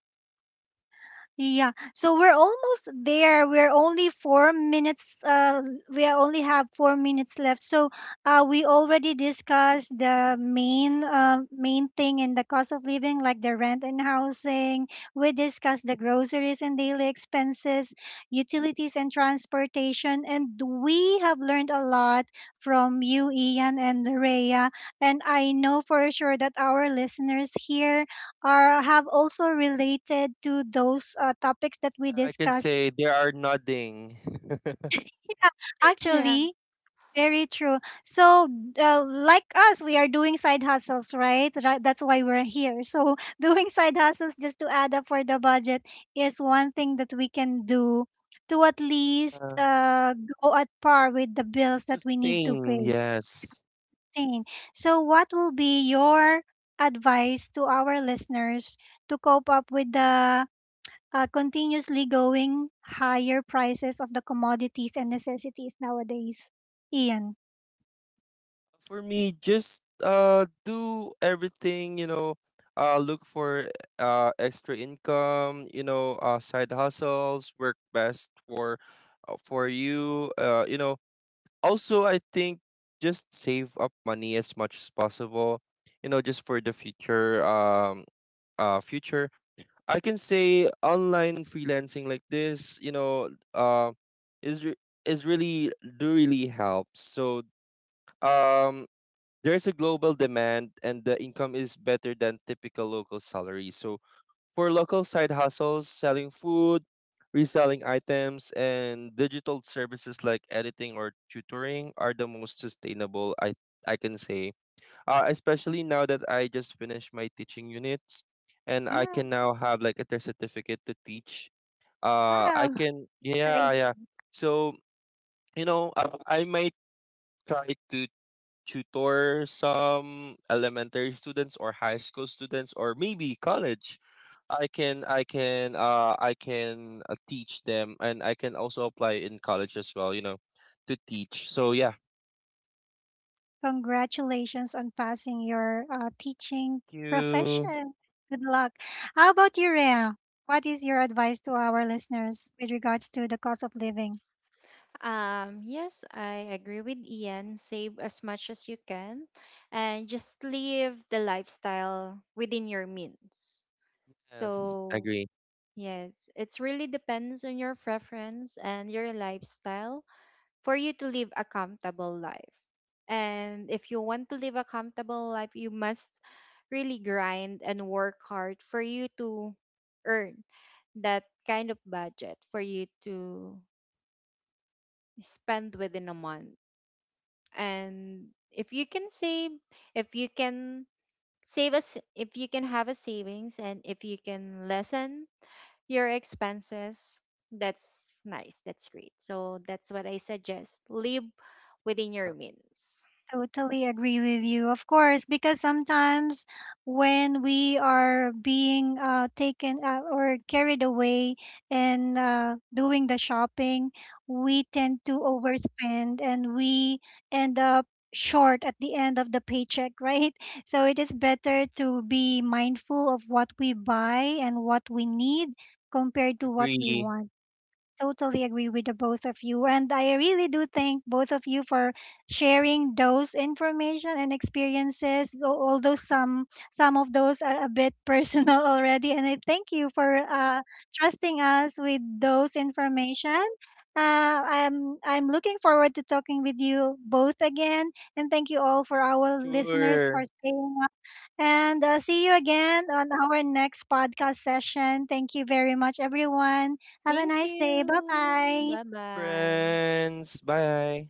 S1: Yeah, so we're almost there. We're only 4 minutes. We only have 4 minutes left. So, we already discussed the main, main thing in the cost of living, like the rent and housing. We discussed the groceries and daily expenses, utilities and transportation, and we have learned a lot from you, Ian and Rhea. And I know for sure that our listeners here or have also related to those topics that we
S2: I can
S1: discussed.
S2: say they are nodding. *laughs*
S3: *laughs* Yeah.
S1: Actually, very true. So, like us, we are doing side hustles, right? Right. That's why we're here. So, *laughs* doing side hustles just to add up for the budget is one thing that we can do to at least
S2: Uh,
S1: go at par with the bills that we need to
S2: sustain,
S1: pay.
S2: yes.
S1: Thing. So, what will be your advice to our listeners to cope up with the continuously going higher prices of the commodities and necessities nowadays? Ian,
S2: For me, just do everything, you know, look for extra income, you know, uh, side hustles work best for you. Uh, you know, also, I think just save up money as much as possible, you know, just for the future future. I can say online freelancing like this, you know, is re- is really do really helps. So um, there's a global demand and the income is better than typical local salary. So for local side hustles, selling food, reselling items, and digital services like editing or tutoring are the most sustainable, I can say. Especially now that I just finished my teaching units and I can
S1: Wow.
S2: now have like a certificate to teach. I
S1: Wow,
S2: can,
S1: great.
S2: yeah, yeah. So, you know, I might try to tutor some elementary students or high school students or maybe college. I can teach them and I can also apply in college as well, you know, to teach. So yeah.
S1: Congratulations on passing your teaching
S2: Thank you.
S1: profession. Good luck. How about you, Rhea? What is your advice to our listeners with regards to the cost of living?
S3: Yes, I agree with Ian, save as much as you can and just live the lifestyle within your means.
S2: Yes,
S3: So
S2: agree.
S3: yes, it's really depends on your preference and your lifestyle for you to live a comfortable life. And if you want to live a comfortable life, you must really grind and work hard for you to earn that kind of budget for you to spend within a month. And if you can save, if you can save us, if you can have a savings, and if you can lessen your expenses, that's nice, that's great. So that's what I suggest. Live within your means.
S1: Totally agree with you. Of course, because sometimes when we are being taken or carried away and doing the shopping, we tend to overspend and we end up short at the end of the paycheck, right? *laughs* So it is better to be mindful of what we buy and what we need compared to what we
S2: Agree.
S1: want. Totally agree with the both of you. And I really do thank both of you for sharing those information and experiences, although some of those are a bit *laughs* personal already. And I thank you for trusting us with those information. Uh, I'm looking forward to talking with you both again, and thank you all for our listeners for
S2: Sure.
S1: staying and see you again on our next podcast session. Thank you very much, everyone. Have a
S3: Thank
S1: nice day. Bye
S3: you.
S1: bye.
S3: Bye bye.
S2: Friends, bye.